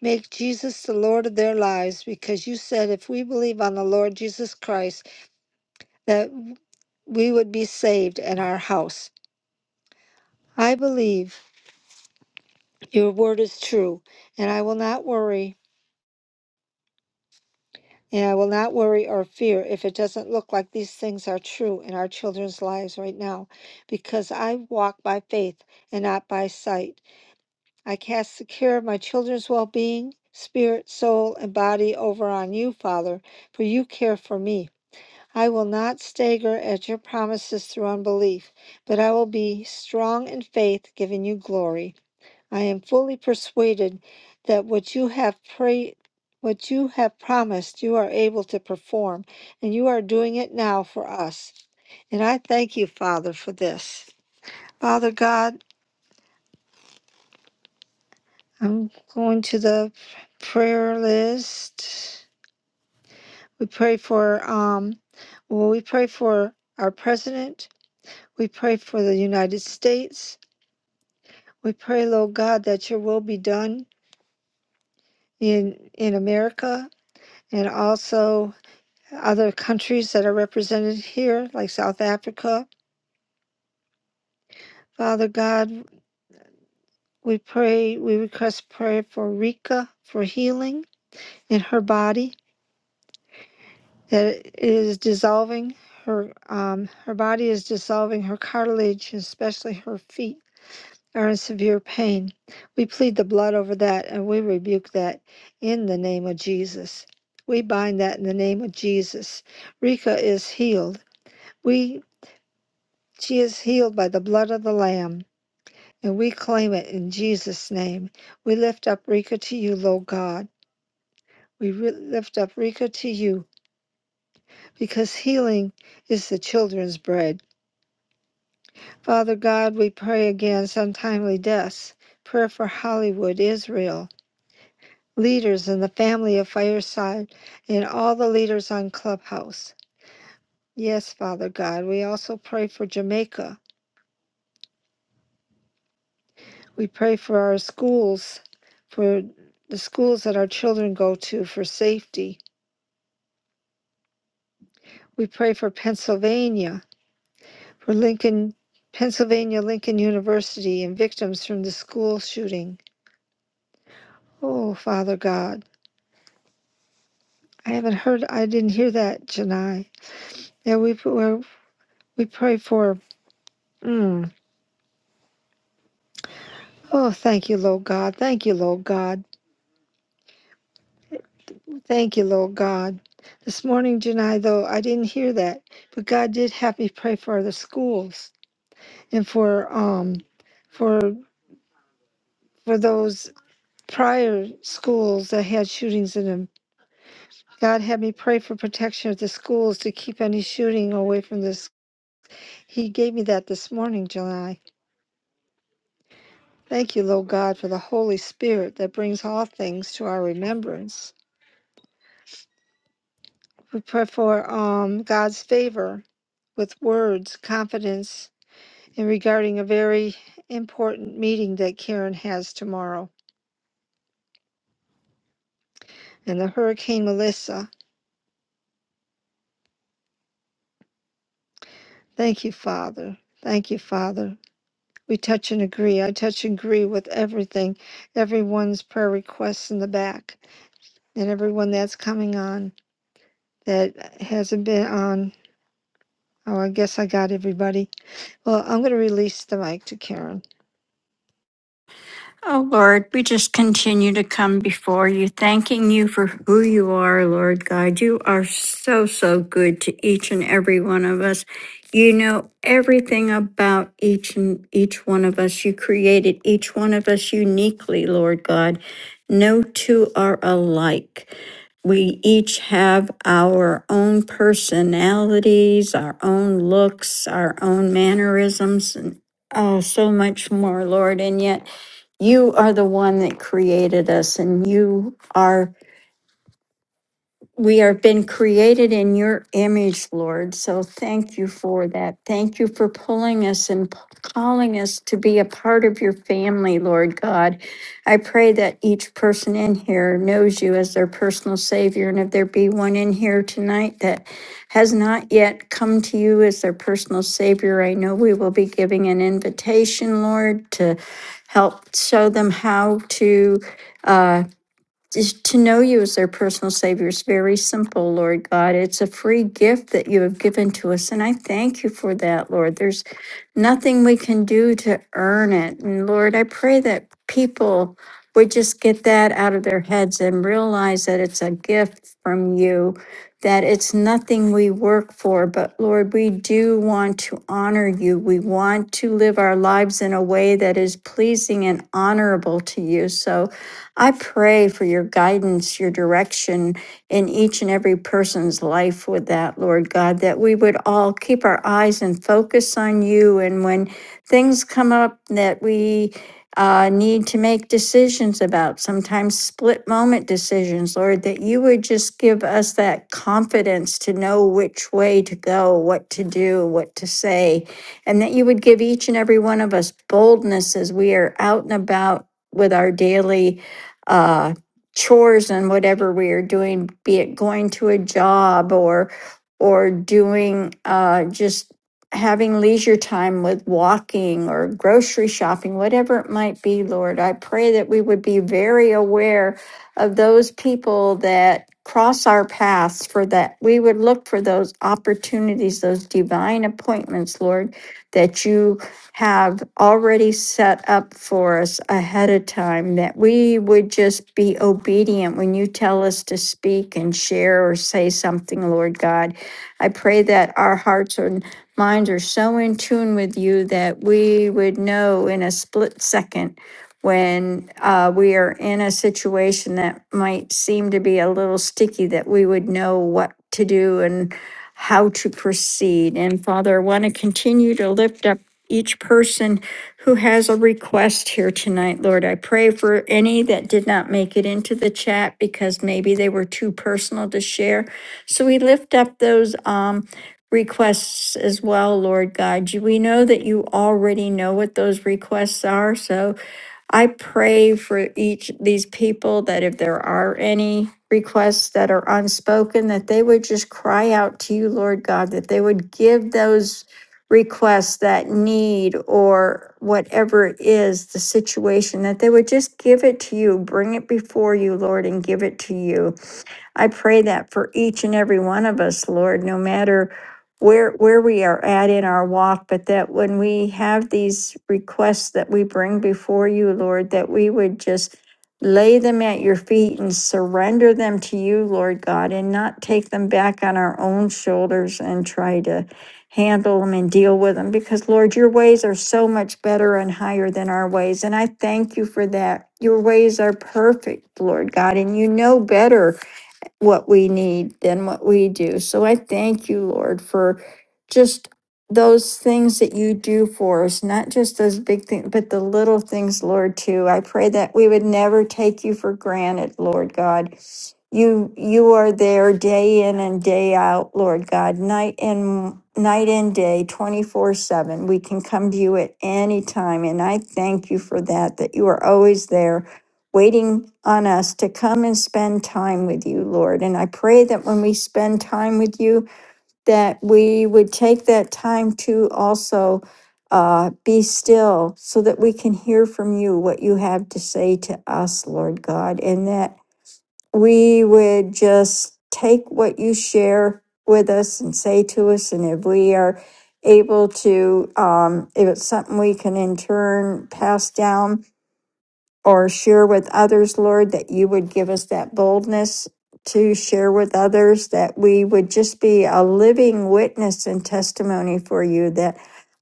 S1: make Jesus the Lord of their lives because you said if we believe on the Lord Jesus Christ, that we would be saved in our house. I believe your word is true, and I will not worry, and I will not worry or fear if it doesn't look like these things are true in our children's lives right now, because I walk by faith and not by sight. I cast the care of my children's well being, spirit, soul, and body over on you, Father, for you care for me. I will not stagger at your promises through unbelief, but I will be strong in faith, giving you glory. I am fully persuaded that what you have prayed what you have promised you are able to perform, and you are doing it now for us. And I thank you, Father, for this. Father God, I'm going to the prayer list. We pray for um well, we pray for our president We pray for the United States. We pray, Lord God, that your will be done in, in America and also other countries that are represented here, like South Africa. Father God, we pray, we request prayer for Rika for healing in her body that it is dissolving. Her um, her body is dissolving her cartilage, especially her feet. are in severe pain. We plead the blood over that and we rebuke that in the name of Jesus. We bind that in the name of Jesus. Rika is healed. We she is healed by the blood of the Lamb, and we claim it in Jesus' name. We lift up Rika to you, Lord God. We re- lift up Rika to you because healing is the children's bread. Father God, we pray against untimely deaths. Prayer for Hollywood, Israel, leaders in the family of Fireside, and all the leaders on Clubhouse. Yes, Father God, we also pray for Jamaica. We pray for our schools, for the schools that our children go to for safety. We pray for Pennsylvania, for Lincoln, Pennsylvania Lincoln University and victims from the school shooting. Oh, Father God, I haven't heard, I didn't hear that, Janai. Yeah, we, we pray for. mm, Oh, thank you, Lord God. Thank you, Lord God. Thank you, Lord God. This morning, Janai, though, I didn't hear that, but God did have me pray for the schools and for um for for those prior schools that had shootings in them. God had me pray for protection of the schools to keep any shooting away from this. He gave me that this morning, Janai. Thank you, Lord God, for the Holy Spirit that brings all things to our remembrance. We pray for um God's favor with words, confidence, and regarding a very important meeting that Karen has tomorrow. And the Hurricane Melissa, thank you, Father. Thank you, Father. We touch and agree. I touch and agree with everything, everyone's prayer requests in the back, and everyone that's coming on that hasn't been on. Oh, I guess I got everybody. Well, I'm going to release the mic to Karen.
S4: Oh, Lord, we just continue to come before you, thanking you for who you are, Lord God. You are so, so good to each and every one of us. You know everything about each and each one of us. You created each one of us uniquely, Lord God. No two are alike. We each have our own personalities, our own looks, our own mannerisms, and oh, so much more, Lord. And yet, you are the one that created us, and you are we are been created in your image, Lord. So thank you for that. Thank you for pulling us and p- calling us to be a part of your family, Lord God. I pray that each person in here knows you as their personal savior. And if there be one in here tonight that has not yet come to you as their personal savior, I know we will be giving an invitation, Lord, to help show them how to. Uh, just to know you as their personal savior is very simple, Lord God. It's a free gift that you have given to us. And I thank you for that, Lord. There's nothing we can do to earn it. And Lord, I pray that people would just get that out of their heads and realize that it's a gift from you, that it's nothing we work for. But Lord, we do want to honor you. We want to live our lives in a way that is pleasing and honorable to you. So, I pray for your guidance, your direction in each and every person's life with that, Lord God, that we would all keep our eyes and focus on you. And when things come up that we uh, need to make decisions about, sometimes split moment decisions, Lord, that you would just give us that confidence to know which way to go, what to do, what to say, and that you would give each and every one of us boldness as we are out and about with our daily uh, chores and whatever we are doing, be it going to a job or or doing uh, just having leisure time with walking or grocery shopping, whatever it might be, Lord, I pray that we would be very aware of those people that cross our paths for that we would look for those opportunities those divine appointments lord that you have already set up for us ahead of time that we would just be obedient when you tell us to speak and share or say something, Lord God. I pray that our hearts and minds are so in tune with you that we would know in a split second when uh, we are in a situation that might seem to be a little sticky, that we would know what to do and how to proceed. And Father, I want to continue to lift up each person who has a request here tonight, Lord. I pray for any that did not make it into the chat because maybe they were too personal to share. So we lift up those um, requests as well, Lord God. You- We know that you already know what those requests are. So I pray for each these people that if there are any requests that are unspoken, that they would just cry out to you, Lord God, that they would give those requests that need or whatever it is the situation, that they would just give it to you, bring it before you, Lord, and give it to you. I pray that for each and every one of us, Lord, no matter where where we are at in our walk, but that when we have these requests that we bring before you, Lord, that we would just lay them at your feet and surrender them to you, Lord God, and not take them back on our own shoulders and try to handle them and deal with them because Lord, your ways are so much better and higher than our ways. And I thank you for that. Your ways are perfect, Lord God, and you know better what we need than what we do. So I thank you, Lord, for just those things that you do for us, not just those big things, but the little things, Lord, too. I pray that we would never take you for granted, Lord God. You you are there day in and day out, Lord God, night and night and day, 24/7. We can come to you at any time and I thank you for that that you are always there waiting on us to come and spend time with you, Lord. And I pray that when we spend time with you, that we would take that time to also uh, be still so that we can hear from you what you have to say to us, Lord God, and that we would just take what you share with us and say to us. And if we are able to, um, if it's something we can in turn pass down, or share with others, Lord, that you would give us that boldness to share with others, that we would just be a living witness and testimony for you, that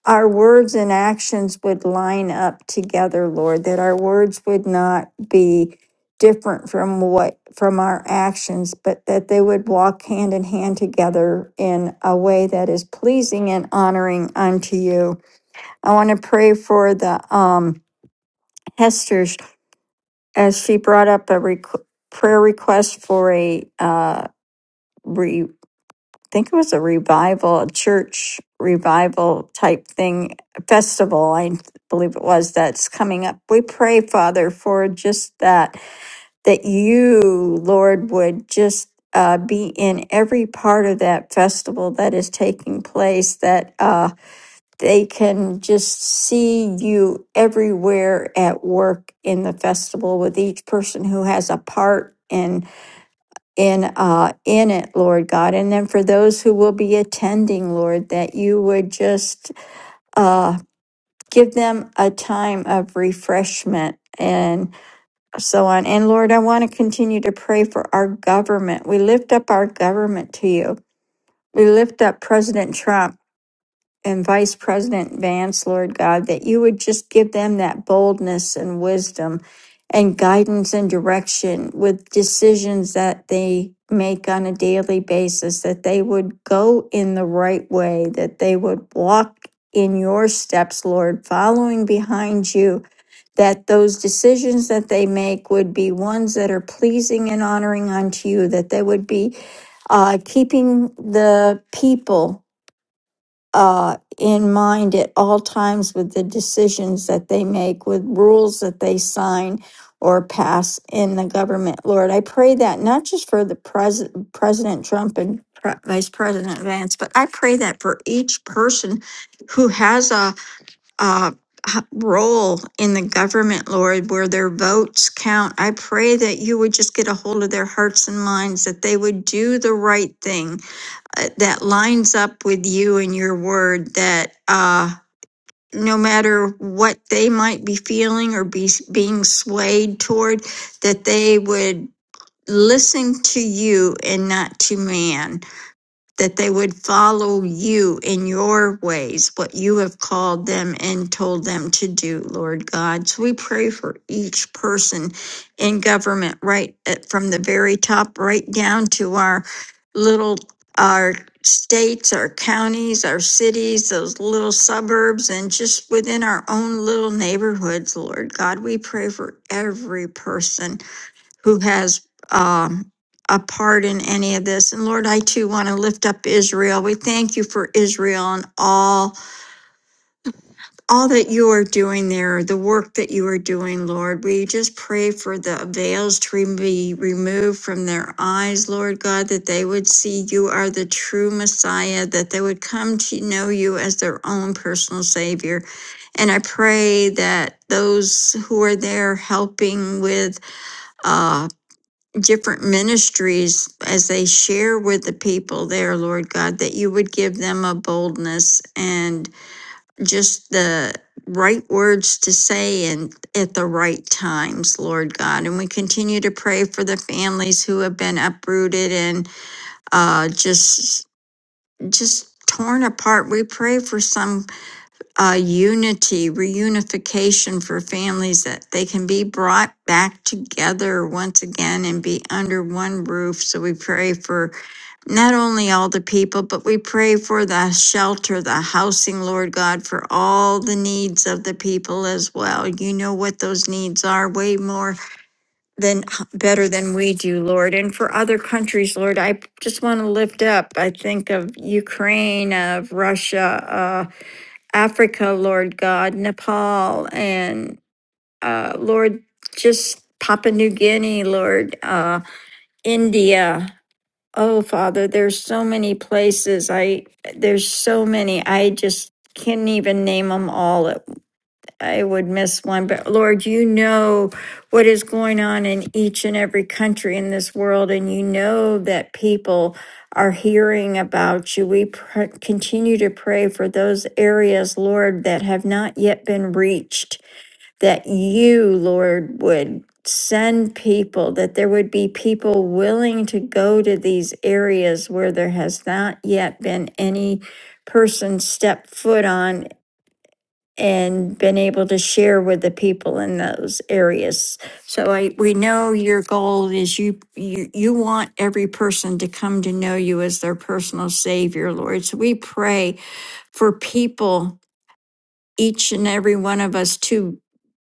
S4: our words and actions would line up together, Lord, that our words would not be different from what from our actions but that they would walk hand in hand together in a way that is pleasing and honoring unto you i want to pray for the um Hester's as she brought up a requ- prayer request for a uh, re- I think it was a revival, a church revival type thing, a festival, I believe it was, that's coming up. We pray, Father, for just that, that you, Lord, would just uh, be in every part of that festival that is taking place, that uh, they can just see you everywhere at work in the festival with each person who has a part in in uh in it lord god and then for those who will be attending lord that you would just uh give them a time of refreshment and so on and lord i want to continue to pray for our government we lift up our government to you we lift up president trump and Vice President Vance, Lord God, that you would just give them that boldness and wisdom and guidance and direction with decisions that they make on a daily basis, that they would go in the right way, that they would walk in your steps, Lord, following behind you, that those decisions that they make would be ones that are pleasing and honoring unto you, that they would be uh, keeping the people uh, in mind at all times with the decisions that they make, with rules that they sign or pass in the government. Lord, I pray that not just for the pres- President Trump and Pre- Vice President Vance, but I pray that for each person who has a, a h- role in the government, Lord, where their votes count. I pray that you would just get a hold of their hearts and minds, that they would do the right thing uh, that lines up with you and your word that uh, no matter what they might be feeling or be being swayed toward, that they would listen to you and not to man that they would follow you in your ways, what you have called them and told them to do, Lord God. So we pray for each person in government, right at, from the very top right down to our little, our states, our counties, our cities, those little suburbs, and just within our own little neighborhoods, Lord God. We pray for every person who has um, a part in any of this. And Lord, I too want to lift up Israel. We thank you for Israel and all all that you are doing there, the work that you are doing, Lord. We just pray for the veils to re- be removed from their eyes, Lord God, that they would see you are the true Messiah, that they would come to know you as their own personal Savior. And I pray that those who are there helping with uh, different ministries as they share with the people there, Lord God, that you would give them a boldness and just the right words to say and at the right times, Lord God. And we continue to pray for the families who have been uprooted and uh, just just torn apart. We pray for some uh, unity, reunification for families that they can be brought back together once again and be under one roof. So we pray for not only all the people, but we pray for the shelter, the housing, Lord God, for all the needs of the people as well. You know what those needs are way more than better than we do, Lord. And for other countries, Lord, I just want to lift up. I think of Ukraine, of Russia, uh, Africa, Lord God, Nepal, and uh, Lord, just Papua New Guinea, Lord, uh, India. Oh, Father, there's so many places. I there's so many. I just can't even name them all at I would miss one, but Lord, you know what is going on in each and every country in this world, and you know that people are hearing about you. We pr- continue to pray for those areas, Lord, that have not yet been reached, that you, Lord, would send people, that there would be people willing to go to these areas where there has not yet been any person step foot on and been able to share with the people in those areas. So I we know your goal is you you you want every person to come to know you as their personal savior, Lord. So we pray for people each and every one of us to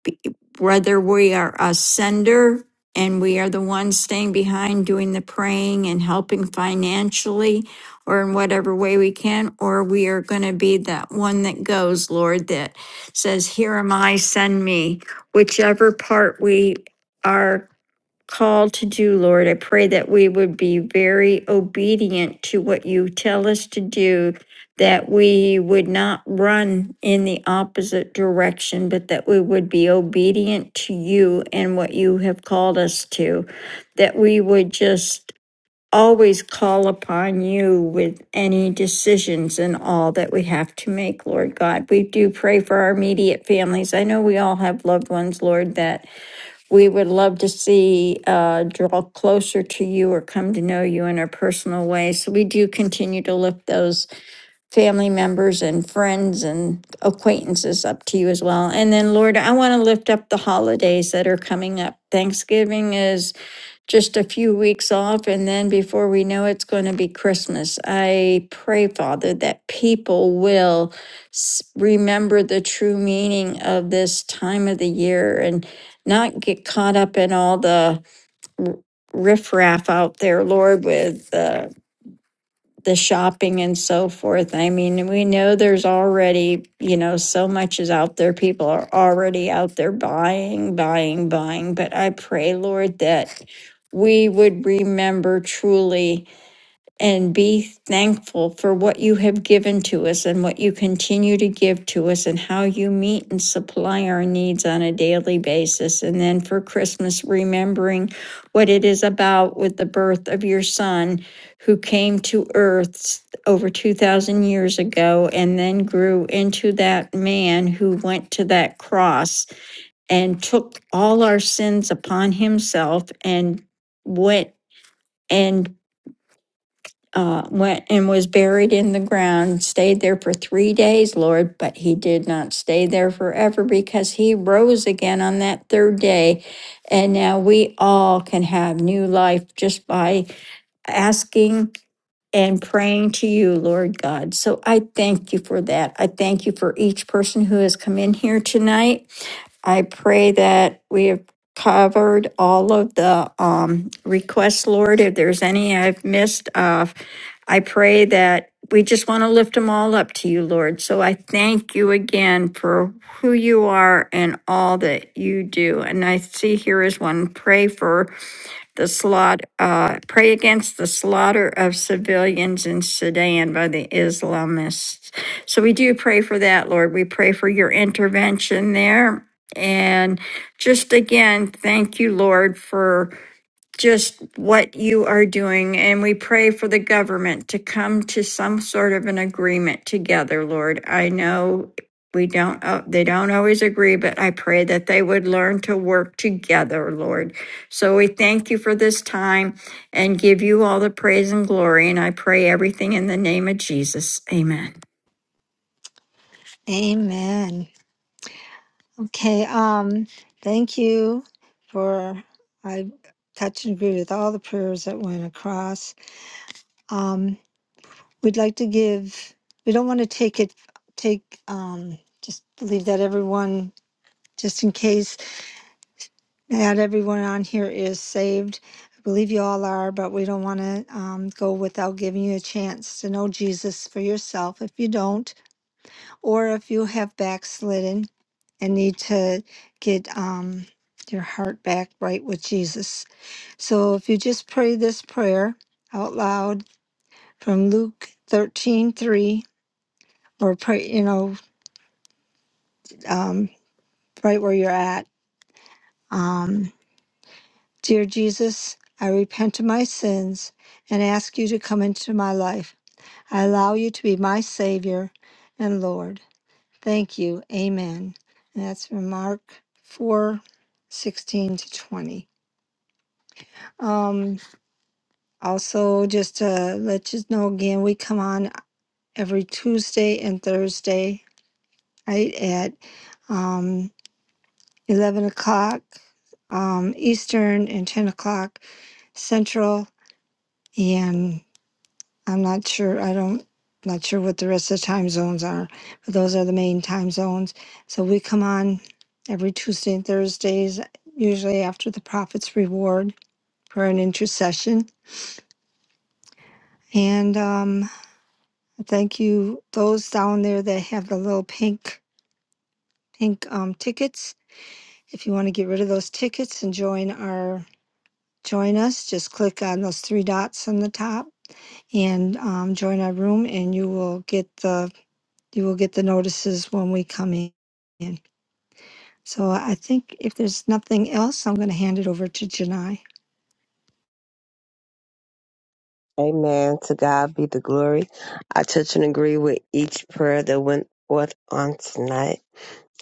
S4: be- whether we are a sender and we are the ones staying behind doing the praying and helping financially or in whatever way we can, or we are going to be that one that goes, Lord, that says, Here am I, send me. Whichever part we are called to do, Lord. I pray that we would be very obedient to what you tell us to do, that we would not run in the opposite direction, but that we would be obedient to you and what you have called us to, that we would just always call upon you with any decisions and all that we have to make, Lord God. We do pray for our immediate families. I know we all have loved ones, Lord, that we would love to see, uh, draw closer to you or come to know you in a personal way. So we do continue to lift those family members and friends and acquaintances up to you as well. And then, Lord, I want to lift up the holidays that are coming up. Thanksgiving is just a few weeks off and then before we know it, it's going to be christmas i pray father that people will s- remember the true meaning of this time of the year and not get caught up in all the r- riffraff out there lord with uh, the shopping and so forth. I mean, we know there's already, you know, so much is out there. People are already out there buying, buying, buying. But I pray, Lord, that we would remember truly and be thankful for what you have given to us and what you continue to give to us and how you meet and supply our needs on a daily basis. And then for Christmas, remembering what it is about with the birth of your son who came to earth over 2,000 years ago and then grew into that man who went to that cross and took all our sins upon himself and went. And uh, went and was buried in the ground, stayed there for three days, Lord, but he did not stay there forever because he rose again on that third day. And now we all can have new life just by asking and praying to you, Lord God. So I thank you for that. I thank you for each person who has come in here tonight. I pray that we have covered all of the um, requests, Lord. If there's any I've missed, uh, I pray that we just want to lift them all up to you, Lord. So I thank you again for who you are and all that you do. And I see here is one pray for the slaughter, uh, pray against the slaughter of civilians in Sudan by the Islamists. So we do pray for that, Lord. We pray for your intervention there. And just again, thank you, Lord, for just what you are doing. And we pray for the government to come to some sort of an agreement together, Lord. I know we don't, uh, they don't always agree, but I pray that they would learn to work together, Lord. So we thank you for this time and give you all the praise and glory. And I pray everything in the name of Jesus. Amen.
S1: Amen. Okay, um, thank you for, I touch and agree with all the prayers that went across. Um, we'd like to give, we don't want to take it, take, um, just believe that everyone, just in case, not everyone on here is saved. I believe you all are, but we don't want to, um, go without giving you a chance to know Jesus for yourself. If you don't, or if you have backslidden and need to get um, your heart back right with Jesus. So if you just pray this prayer out loud from Luke thirteen three, or pray, you know, um, right where you're at. Um, Dear Jesus, I repent of my sins and ask you to come into my life. I allow you to be my Savior and Lord. Thank you. Amen. And that's from Mark 4, 16 to 20. Um, also, just to let you know again, we come on every Tuesday and Thursday night at um, 11 o'clock um, Eastern and 10 o'clock Central. And I'm not sure. I don't not sure what the rest of the time zones are, but those are the main time zones. So we come on every Tuesday and Thursdays, usually after the Prophet's Reward for an intercession. And um, thank you those down there that have the little pink pink um, tickets. If you want to get rid of those tickets and join our join us, just click on those three dots on the top and um, join our room, and you will get the you will get the notices when we come in. So I think if there's nothing else, I'm going to hand it over to Janai.
S2: Amen. To God be the glory. I touch and agree with each prayer that went forth on tonight.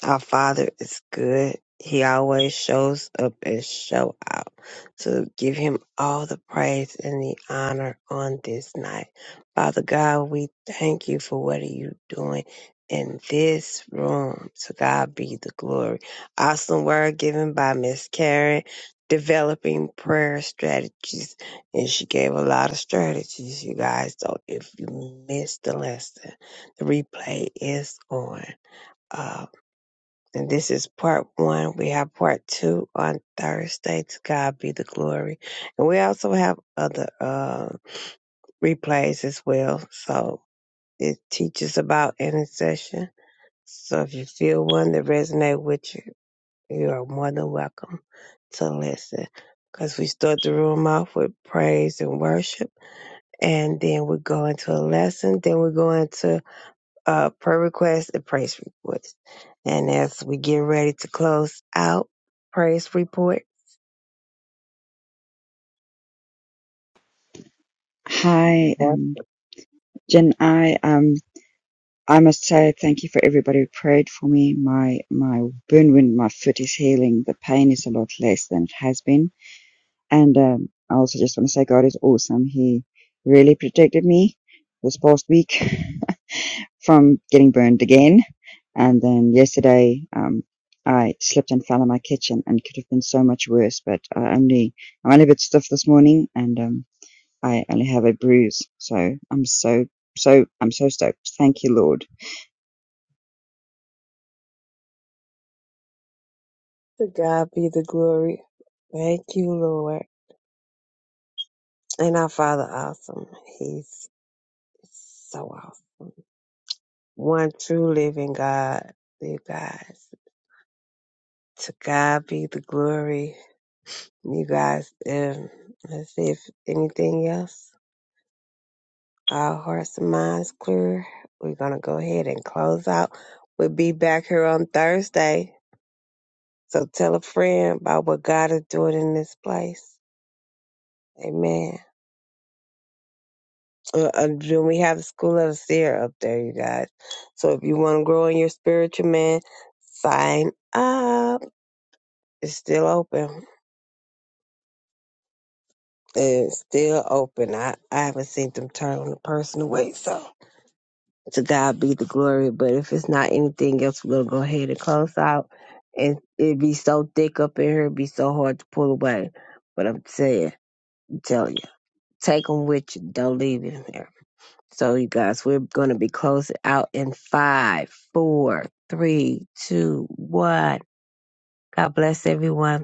S2: Our Father is good. He always shows up and show out. So give him all the praise and the honor on this night. Father God, we thank you for what are you doing in this room. To God be the glory. Awesome word given by Miss Karen, developing prayer strategies. And she gave a lot of strategies, you guys. So if you missed the lesson, the replay is on uh, and this is part one. We have part two on Thursday. To God be the glory. And we also have other uh, replays as well. So it teaches about intercession. So if you feel one that resonate with you, you are more than welcome to listen. Because we start the room off with praise and worship. And then we go into a lesson. Then we go into uh, prayer requests and praise reports. And as we get ready to close out, praise report.
S5: Hi,
S2: Lord,
S5: um, Jen. I. um, I must say thank you for everybody who prayed for me. My my burn wound, in my foot is healing. The pain is a lot less than it has been. And um, I also just want to say God is awesome. He really protected me this past week from getting burned again. And then yesterday, um, I slipped and fell in my kitchen, and it could have been so much worse. But I only I'm only a bit stiff this morning, and um, I only have a bruise. So I'm so so I'm so stoked. Thank you, Lord
S2: To God be the glory. Thank you, Lord. And our Father, awesome. He's so awesome. One true living God. You guys, to God be the glory. You guys, um, let's see if anything else. Our hearts and minds clear. We're gonna go ahead and close out. We'll be back here on Thursday. So tell a friend about what God is doing in this place. Amen. Uh, uh, then we have the School of the Seer up there, you guys. So if you want to grow in your spiritual man, sign up. It's still open. It's still open. I, I haven't seen them turn a person away. So to God be the glory. But if it's not anything else, we're going to go ahead and close out. And it'd be so thick up in here, it be so hard to pull away. But I'm saying, I'm telling you. Take them with you. Don't leave them here. So, you guys, we're going to be closing out in five, four, three, two, one. God bless everyone.